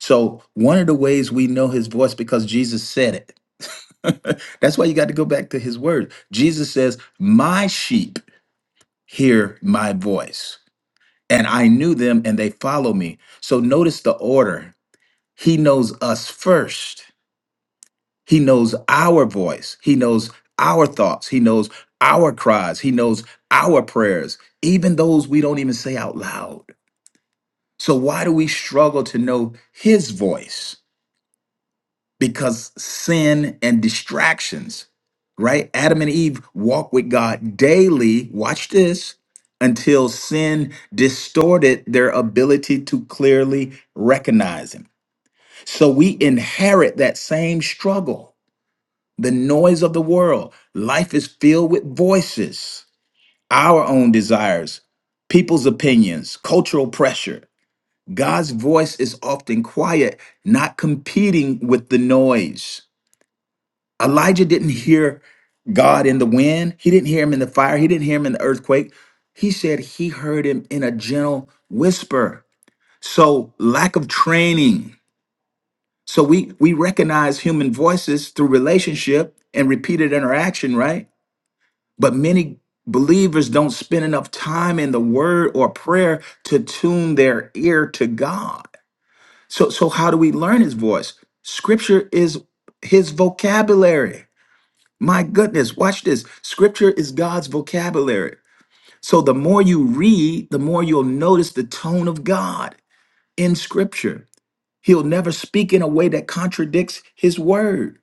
So, one of the ways we know his voice because Jesus said it (laughs) That's why you got to go back to his word. Jesus says, My sheep hear my voice, and I knew them and they follow me. So notice the order. He knows us first, he knows our voice, he knows our thoughts, he knows our cries, he knows our prayers, even those we don't even say out loud. So, why do we struggle to know his voice? because sin and distractions, right? Adam and Eve walked with God daily, watch this, until sin distorted their ability to clearly recognize Him. So we inherit that same struggle, the noise of the world. Life is filled with voices, our own desires, people's opinions, cultural pressure. God's voice is often quiet, not competing with the noise. Elijah didn't hear God in the wind. He didn't hear him in the fire. He didn't hear him in the earthquake. He said he heard him in a gentle whisper. So lack of training. So we we recognize human voices through relationship and repeated interaction, right? But many believers don't spend enough time in the word or prayer to tune their ear to God. So so how do we learn his voice? Scripture is his vocabulary. My goodness, watch this. Scripture is God's vocabulary. So the more you read, the more you'll notice the tone of God in Scripture. He'll never speak in a way that contradicts His word.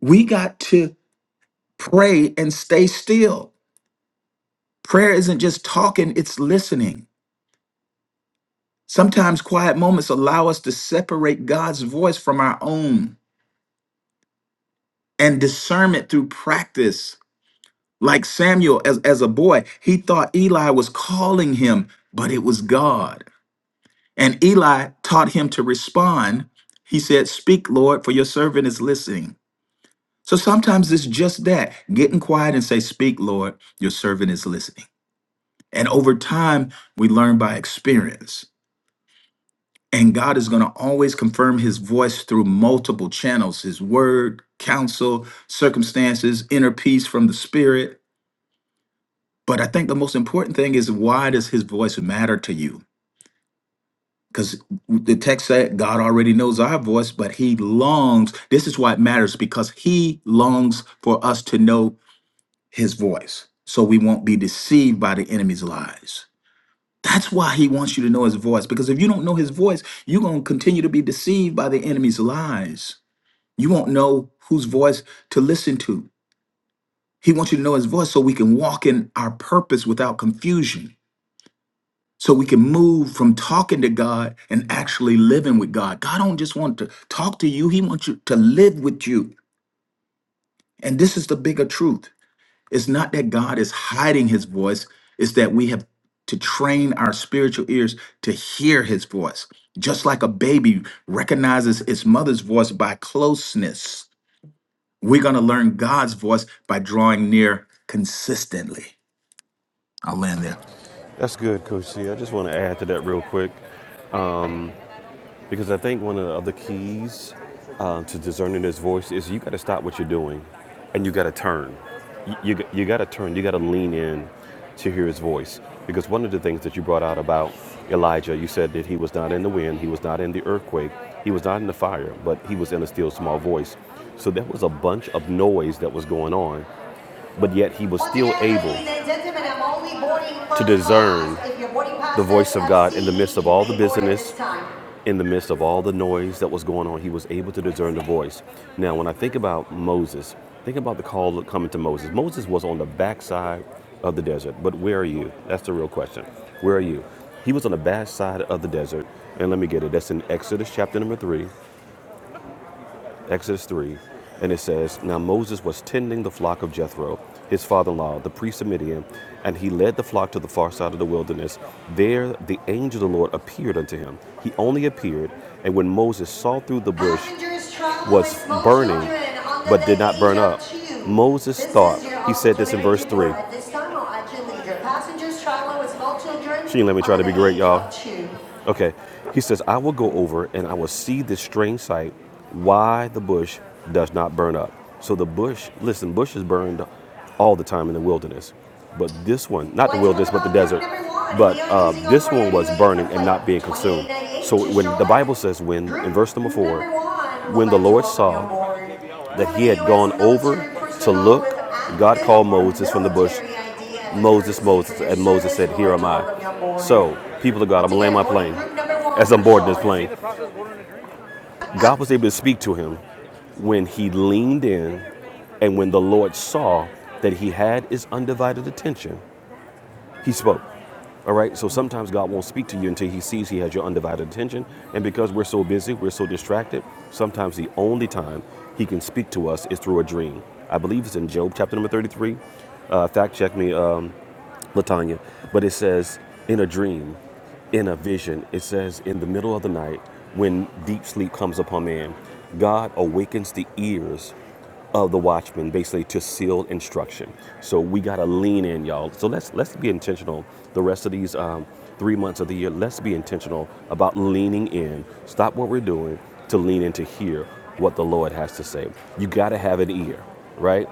We got to pray and stay still. Prayer isn't just talking, it's listening. Sometimes quiet moments allow us to separate God's voice from our own and discernment through practice Like Samuel, as, as a boy, he thought Eli was calling him, but it was God. And Eli taught him to respond. He said, Speak, Lord, for your servant is listening. So sometimes it's just that getting quiet and say, Speak, Lord, your servant is listening. And over time, we learn by experience. And God is going to always confirm his voice through multiple channels his word, counsel, circumstances, inner peace from the spirit. But I think the most important thing is why does his voice matter to you? Because the text said God already knows our voice, but he longs. This is why it matters because he longs for us to know his voice so we won't be deceived by the enemy's lies. That's why he wants you to know his voice because if you don't know his voice, you're going to continue to be deceived by the enemy's lies. You won't know whose voice to listen to. He wants you to know his voice so we can walk in our purpose without confusion. so we can move from talking to God and actually living with God. God don't just want to talk to you, he wants you to live with you. And this is the bigger truth. It's not that God is hiding his voice, it's that we have to train our spiritual ears to hear his voice. Just like a baby recognizes its mother's voice by closeness, we're going to learn God's voice by drawing near consistently. I'll land there. That's good, Coach C. I just want to add to that real quick. Because I think one of the keys um, to discerning this voice is you got to stop what you're doing and you got to turn. You, you, you got to turn, you got to lean in to hear his voice. Because one of the things that you brought out about Elijah, you said that he was not in the wind, he was not in the earthquake, he was not in the fire, but he was in a still small voice. So there was a bunch of noise that was going on but yet he was still able to discern the voice of God in the midst of all the busyness, in the midst of all the noise that was going on. He was able to discern the voice. Now, when I think about Moses, think about the call coming to Moses. Moses was on the backside of the desert, but where are you? That's the real question. Where are you? He was on the backside of the desert, and let me get it. That's in Exodus chapter number three. Exodus 3, and it says, Now Moses was tending the flock of Jethro, his father in law, the priest of Midian, and he led the flock to the far side of the wilderness. There the angel of the Lord appeared unto him. He only appeared, and when Moses saw through the bush was burning, but did not burn up, Moses thought, he said this in verse 3. She didn't let me try to be great, y'all. Okay. He says, I will go over and I will see this strange sight, why the bush does not burn up. So the bush, listen, bushes burned all the time in the wilderness. But this one, not the wilderness, but the desert. But uh, this one was burning and not being consumed. So when the Bible says, when, in verse number four, when the Lord saw that he had gone over to look. God called Moses from the bush. Moses, Moses, and Moses said, Here am I. So, people of God, I'm gonna land my plane. As I'm boarding this plane, God was able to speak to him when he leaned in and when the Lord saw that he had his undivided attention. He spoke. All right. So (laughs) sometimes God won't speak to you until He sees He has your undivided attention. And because we're so busy, we're so distracted, sometimes the only time He can speak to us is through a dream. I believe it's in Job chapter number 33. Uh, fact check me. Um, Latanya, but it says in a dream, in a vision. It says in the middle of the night when deep sleep comes upon man, God awakens the ears of the watchman basically to seal instruction. So we gotta lean in, y'all. So let's let's be intentional. The rest of these um, three months of the year, let's be intentional about leaning in. Stop what we're doing to lean in to hear what the Lord has to say. You gotta have an ear, right?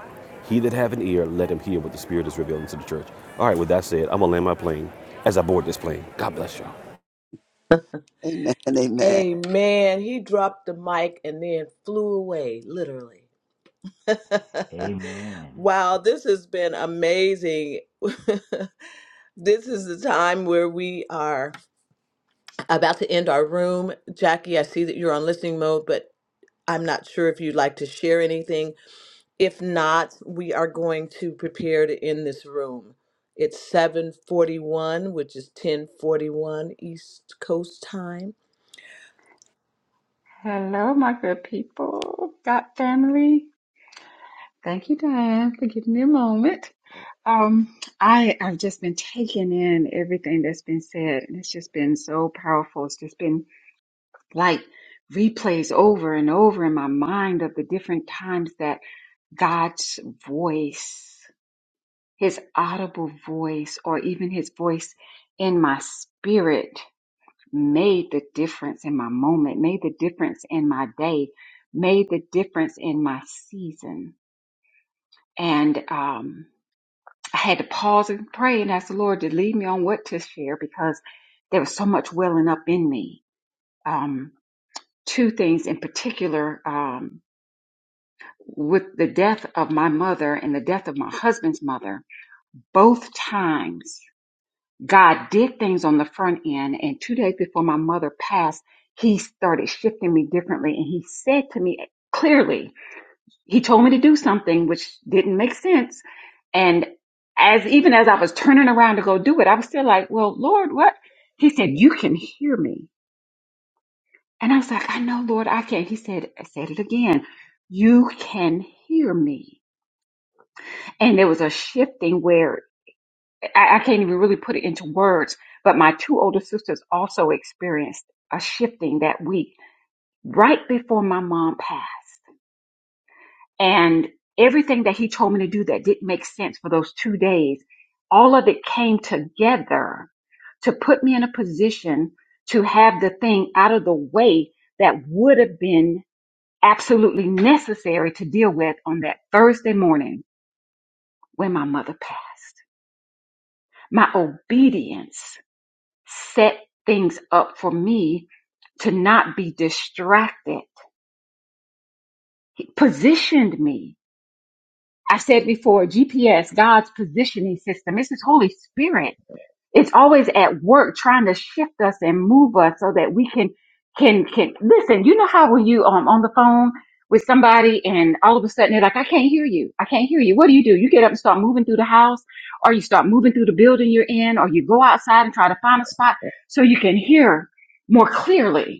He that have an ear, let him hear what the Spirit is revealing to the church. All right, with that said, I'm going to land my plane as I board this plane. God bless y'all. amen amen Amen. He dropped the mic and then flew away, literally. (laughs) Amen. wow, this has been amazing. (laughs) this is the time where we are about to end our room. Jackie, I see that you're on listening mode, but I'm not sure if you'd like to share anything. If not, we are going to prepare to end this room. It's 7:41, which is 10:41 East Coast time. Hello, my good people, got family. Thank you, Diane, for giving me a moment. Um, I I've just been taking in everything that's been said, and it's just been so powerful. It's just been like replays over and over in my mind of the different times that God's voice, His audible voice, or even His voice in my spirit made the difference in my moment, made the difference in my day, made the difference in my season. And um, I had to pause and pray and ask the Lord to lead me on what to share because there was so much welling up in me. Um, two things in particular um, with the death of my mother and the death of my husband's mother, both times. God did things on the front end. And two days before my mother passed, he started shifting me differently. And he said to me clearly, he told me to do something which didn't make sense. And as even as I was turning around to go do it, I was still like, well, Lord, what? He said, you can hear me. And I was like, I know, Lord, I can. He said, I said it again. You can hear me. And there was a shifting where I, I can't even really put it into words, but my two older sisters also experienced a shifting that week right before my mom passed. And everything that he told me to do that didn't make sense for those two days, all of it came together to put me in a position to have the thing out of the way that would have been absolutely necessary to deal with on that Thursday morning when my mother passed. My obedience set things up for me to not be distracted. He positioned me. I said before, GPS, God's positioning system. It's His Holy Spirit it's always at work trying to shift us and move us so that we can can can listen. You know how when you um on the phone with somebody and all of a sudden they're like, I can't hear you. I can't hear you. What do you do? You get up and start moving through the house, or you start moving through the building you're in, or you go outside and try to find a spot so you can hear more clearly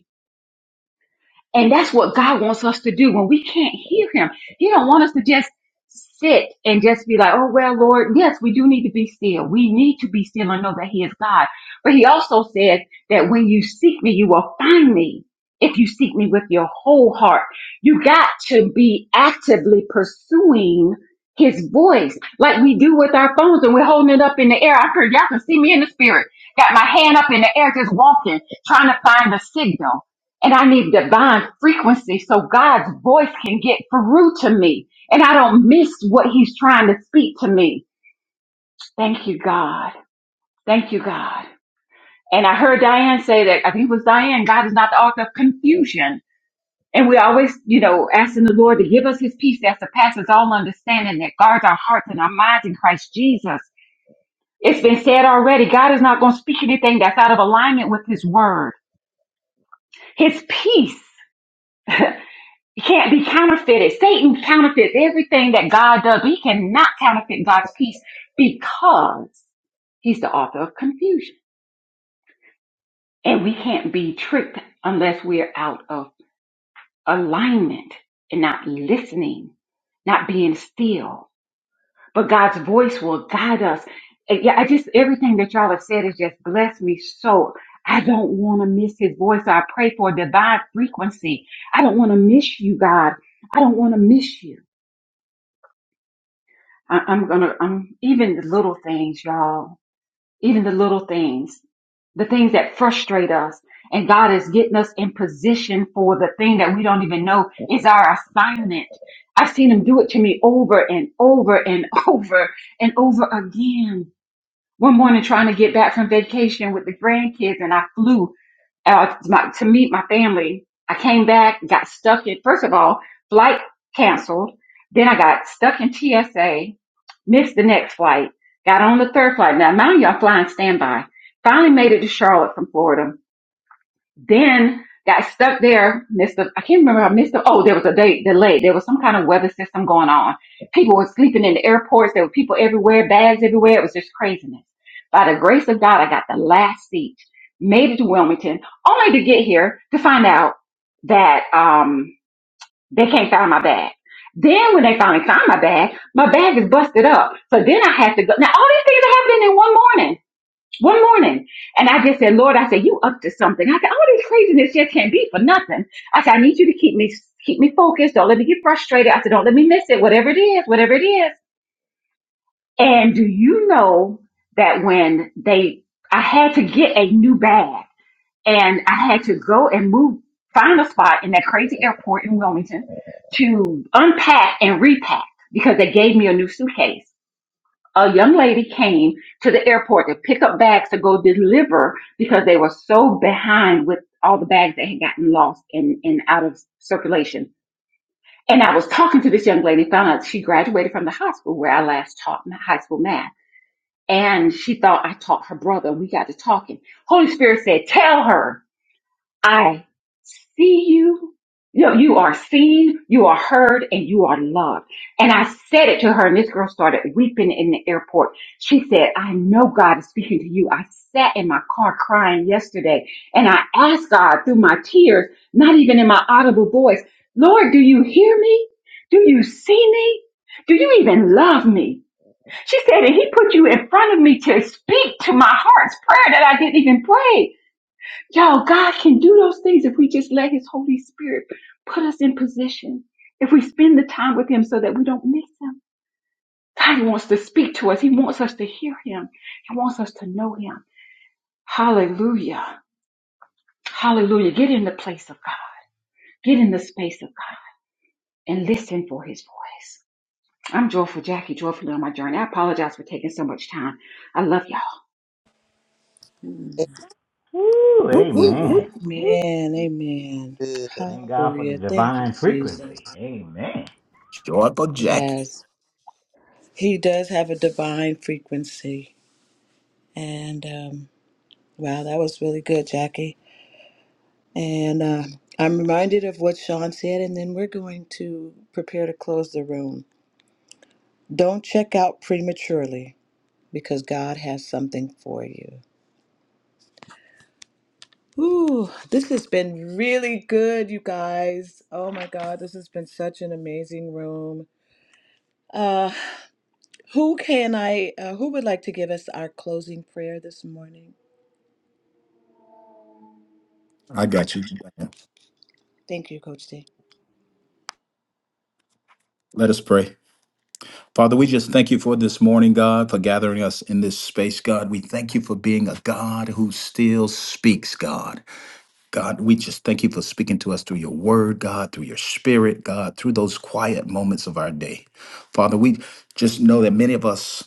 and that's what God wants us to do when we can't hear him. He don't want us to just sit and just be like, oh, well, Lord, yes, we do need to be still. We need to be still and know that he is God. But he also says that when you seek me, you will find me. If you seek me with your whole heart, you got to be actively pursuing his voice like we do with our phones and we're holding it up in the air. I heard y'all can see me in the spirit. Got my hand up in the air, just walking, trying to find the signal and I need divine frequency so God's voice can get through to me and I don't miss what he's trying to speak to me. Thank you, God. Thank you, God. And I heard Diane say that, I think it was Diane, God is not the author of confusion. And we're always, you know, asking the Lord to give us his peace that surpasses all understanding that guards our hearts and our minds in Christ Jesus. It's been said already, God is not going to speak anything that's out of alignment with his word. His peace. It can't be counterfeited. Satan counterfeits everything that God does, but he cannot counterfeit God's peace because he's the author of confusion. And we can't be tricked unless we're out of alignment and not listening, not being still. But God's voice will guide us. And yeah, I just, everything that y'all have said has just blessed me so. I don't want to miss his voice. So I pray for a divine frequency. I don't want to miss you, God. I don't want to miss you. I, I'm gonna, I'm even the little things, y'all, even the little things, the things that frustrate us. And God is getting us in position for the thing that we don't even know is our assignment. I've seen him do it to me over and over and (laughs) over and over again. One morning trying to get back from vacation with the grandkids and I flew uh, to, my, to meet my family. I came back, got stuck in, first of all, flight canceled. Then I got stuck in TSA, missed the next flight, got on the third flight. Now, mind you, I'm flying standby. Finally made it to Charlotte from Florida then got stuck there. Missed the, I can't remember. I missed the, oh, there was a day delay. There was some kind of weather system going on. People were sleeping in the airports. There were people everywhere, bags everywhere. It was just craziness. By the grace of God, I got the last seat, made it to Wilmington, only to get here to find out that, um, they can't find my bag. Then when they finally found my bag, my bag is busted up. So then I had to go. Now all these things are happening in one morning one morning. And I just said, Lord, I said, you up to something. I said, all this craziness just can't be for nothing. I said, I need you to keep me, keep me focused. Don't let me get frustrated. I said, don't let me miss it. Whatever it is, whatever it is. And do you know that when they, I had to get a new bag and I had to go and move, find a spot in that crazy airport in Wilmington to unpack and repack because they gave me a new suitcase a young lady came to the airport to pick up bags to go deliver because they were so behind with all the bags that had gotten lost and, and out of circulation. And I was talking to this young lady, found out she graduated from the high school where I last taught my high school math. And she thought I taught her brother. We got to talking. Holy Spirit said, tell her. I see you. No, you are seen, you are heard, and you are loved. And I said it to her, and this girl started weeping in the airport. She said, I know God is speaking to you. I sat in my car crying yesterday, and I asked God through my tears, not even in my audible voice, Lord, do you hear me? Do you see me? Do you even love me? She said, and he put you in front of me to speak to my heart's prayer that I didn't even pray. Yo, God can do those things if we just let His Holy Spirit put us in position. If we spend the time with Him so that we don't miss Him. God wants to speak to us. He wants us to hear Him. He wants us to know Him. Hallelujah. Hallelujah. Get in the place of God. Get in the space of God and listen for His voice. I'm joyful Jackie, joyfully on my journey. I apologize for taking so much time. I love y'all. Amen. Woo, Whoop, Hey, whoop, whoop. amen. Woo. Amen. Good. Thank God for the Hallelujah. Thank you, divine Jesus. frequency. Amen. Joyful Jackie. Yes. He does have a divine frequency. And um, wow, that was really good, Jackie. And uh, I'm reminded of what Sean said, and then we're going to prepare to close the room. Don't check out prematurely. because God has something for you. Ooh, this has been really good, you guys. Oh my God, this has been such an amazing room. Uh, who can I? Uh, who would like to give us our closing prayer this morning? I got you. Thank you, Coach D. Let us pray. Father, we just thank you for this morning, God, for gathering us in this space, God. We thank you for being a God who still speaks, God. God, we just thank you for speaking to us through your word, God, through your spirit, God, through those quiet moments of our day. Father, we just know that many of us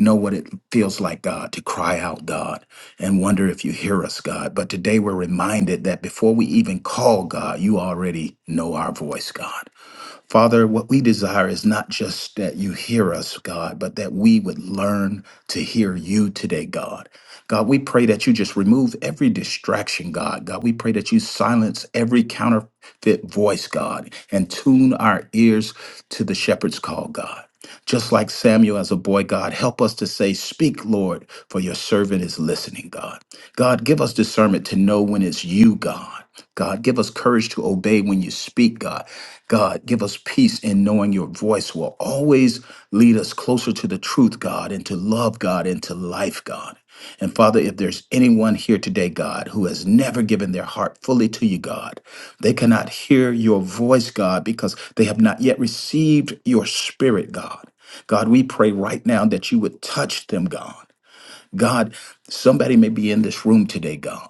know what it feels like, God, to cry out, God, and wonder if you hear us, God. But today we're reminded that before we even call, God, you already know our voice, God. Father, what we desire is not just that you hear us, God, but that we would learn to hear you today, God. God, we pray that you just remove every distraction, God. God, we pray that you silence every counterfeit voice, God, and tune our ears to the shepherd's call, God. Just like Samuel as a boy, God, help us to say, Speak, Lord, for your servant is listening, God. God, give us discernment to know when it's you, God. God, give us courage to obey when you speak, God. God, give us peace in knowing your voice will always lead us closer to the truth, God, and to love, God, and to life, God. And Father, if there's anyone here today, God, who has never given their heart fully to you, God, they cannot hear your voice, God, because they have not yet received your spirit, God. God, we pray right now that you would touch them, God. God, somebody may be in this room today, God.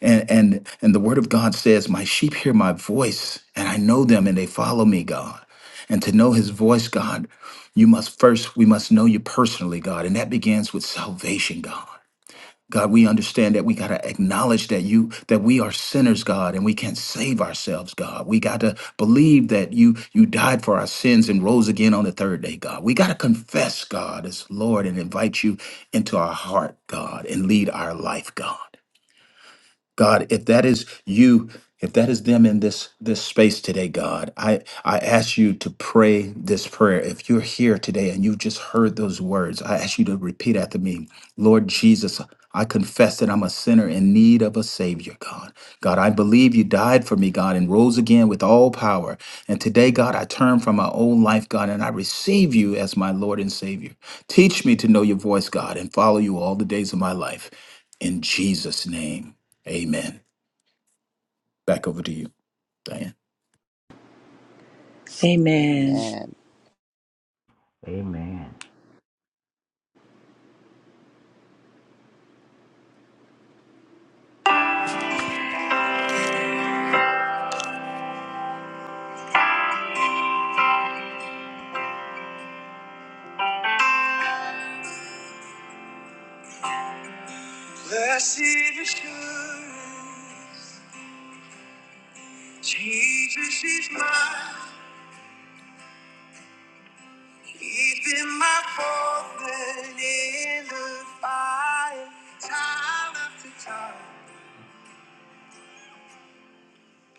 And and and the word of God says, My sheep hear my voice, and I know them and they follow me, God. And to know his voice, God, you must first, we must know you personally, God. And that begins with salvation, God. God, we understand that we got to acknowledge that you that we are sinners, God, and we can't save ourselves, God. We got to believe that you you died for our sins and rose again on the third day, God. We got to confess, God, as Lord and invite you into our heart, God, and lead our life, God. God, if that is you, if that is them in this this space today, God, I I ask you to pray this prayer. If you're here today and you've just heard those words, I ask you to repeat after me. Lord Jesus, I confess that I'm a sinner in need of a savior, God. God, I believe you died for me, God, and rose again with all power. And today, God, I turn from my old life, God, and I receive you as my Lord and Savior. Teach me to know your voice, God, and follow you all the days of my life. In Jesus' name. Amen. Back over to you, Diane. Amen. Amen. Amen. Blessed assurance, Jesus is mine. He's been my fountain in the fire, time after time.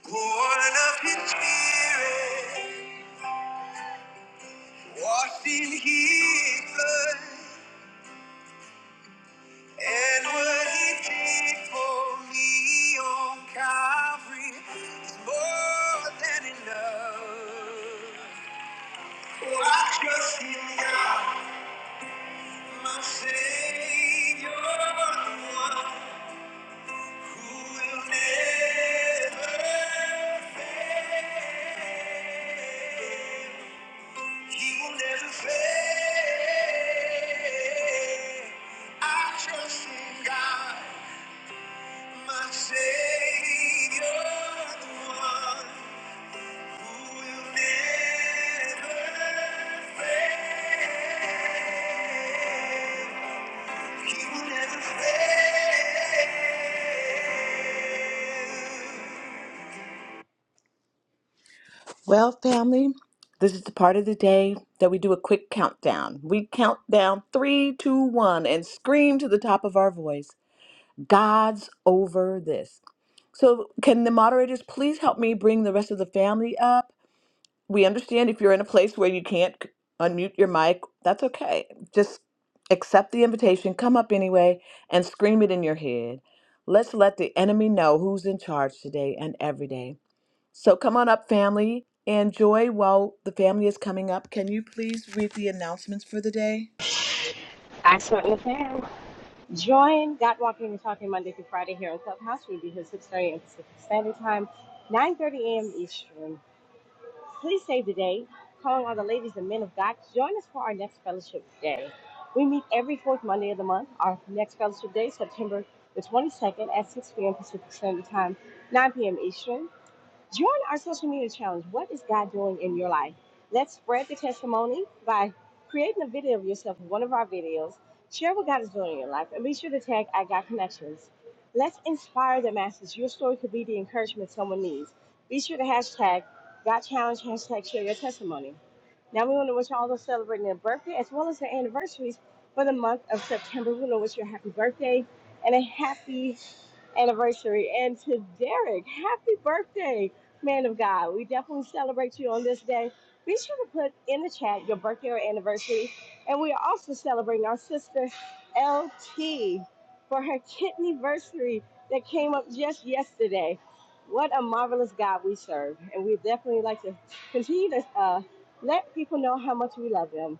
Born of his spirit, washed in his blood, and what he did for me on Calvary is more than enough. Oh, I trust in God, my Savior, the one who will never fail. He will never fail. I trust in God, my Savior, the one who will never fail. He will never fail. Well, family, this is the part of the day that we do a quick countdown. We count down three, two, one, and scream to the top of our voice God's over this. So, can the moderators please help me bring the rest of the family up? We understand if you're in a place where you can't c- unmute your mic, that's okay. Just accept the invitation, come up anyway, and scream it in your head. Let's let the enemy know who's in charge today and every day. So come on up, family. And Joy, while the family is coming up, can you please read the announcements for the day? Excellent, Miss Ann. Join God Walking and Talking Monday through Friday here on Clubhouse. We'll be here 6.30 a.m. Pacific Standard Time, 9.30 a.m. Eastern. Please save the date. Calling all the ladies and men of God, to join us for our next fellowship day. We meet every fourth Monday of the month. Our next fellowship day, September the 22nd at 6 p.m. Pacific Standard Time, 9 p.m. Eastern. Join our social media challenge. What is God doing in your life? Let's spread the testimony by creating a video of yourself in one of our videos. Share what God is doing in your life and be sure to tag at God Connections. Let's inspire the masses. Your story could be the encouragement someone needs. Be sure to hashtag God Challenge, hashtag share your testimony. Now we want to wish all those celebrating their birthday as well as their anniversaries for the month of September. We want to wish you a happy birthday and a happy anniversary. And to Derek, happy birthday, man of God. We definitely celebrate you on this day. Be sure to put in the chat your birthday or anniversary. And we are also celebrating our sister LT for her kidney anniversary that came up just yesterday. What a marvelous God we serve. And we definitely like to continue to uh, let people know how much we love them.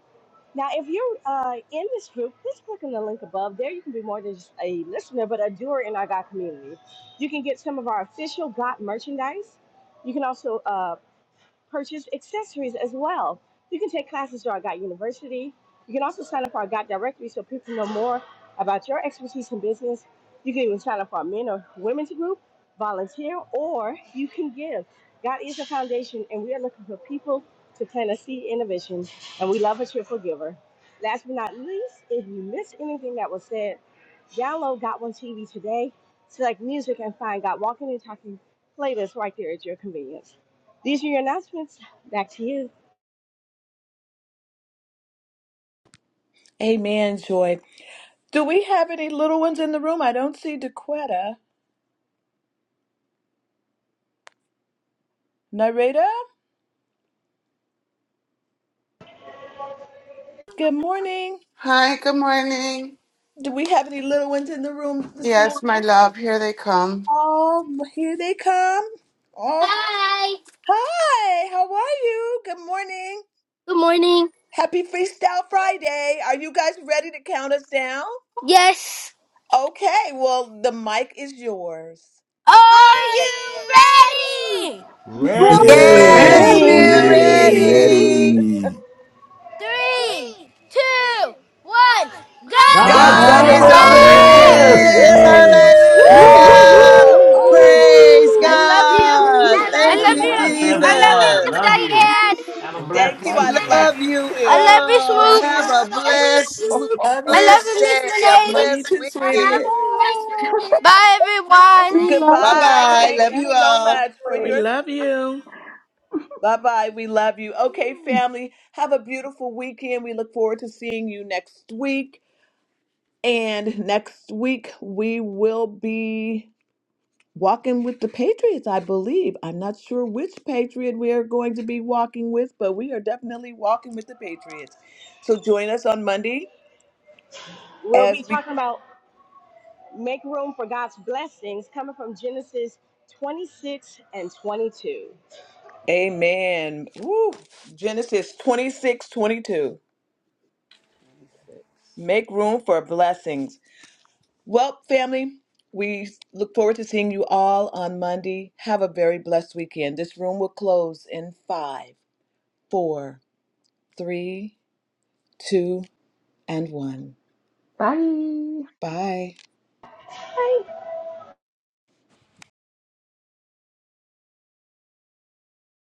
Now, if you're uh, in this group, please click on the link above. There, you can be more than just a listener, but a doer in our God community. You can get some of our official God merchandise. You can also uh, purchase accessories as well. You can take classes through our GOT University. You can also sign up for our GOT directory so people know more about your expertise in business. You can even sign up for our men or women's group, volunteer, or you can give. Got is a foundation, and we are looking for people to plant a seed in a vision, and we love a cheerful giver. Last but not least, if you missed anything that was said, download Got One TV today, select music, and find Got Walking and Talking playlist right there at your convenience. These are your announcements. Back to you. Amen, Joy. Do we have any little ones in the room? I don't see Dequetta. Narita, good morning. Hi, good morning. Do we have any little ones in the room this Yes, my morning? love, here they come. Oh, here they come. Oh, Hi. hi. How are you? Good morning. Good morning. Happy Freestyle Friday. Are you guys ready to count us down? Yes. Okay, well, the mic is yours. Are you ready? Buddy, Yes, Yes, Ready. Ready? we're ready. Ready. we're Ready. ready. ready. Three, two, one. Go God's God's God God's Just over is God God's over over over over over over there. God over this. this. there. is Woo! this. over this. this. this, this. Whoop, Woo! Woo, whoop, whoop, Woo. whoop. Woo! Hallelujah. over this. woo, Oh, woo, Praise I woo, love woo. you. woo. God. I love Thank God God is you, over you. bless this. I love you, everyone. Jesus. Miss Love you. Have a You Lord. blessed Thank you. Love I you. Diane. love weekend. Love you you I too. love you, We Amen. all. love Swoop. Have you. a I love you, blessed, (laughs) Swoop. Love I you. love blessed you, Miss day, a Love Lady. you blessed too, I sweetie. love weekend. you, Miss Oh, Renee. Bye, Bye everyone. goodbye. Bye. bye. Thank We Love you love you so you. all. much for We your. love you. Bye bye. We love you. Okay, Woo. family. Have a beautiful weekend. We look forward to seeing you next week. And next week, we will be. walking with the Patriots, I believe. I'm not sure which Patriot we are going to be walking with, but we are definitely walking with the Patriots. So join us on Monday We'll be as we. talking about make room for God's blessings coming from Genesis 26 and 22. Amen. Woo. Genesis 26 22. Make room for blessings. Well, family, we look forward to seeing you all on Monday. Have a very blessed weekend. This room will close in five, four, three, two, and one. Bye. Bye.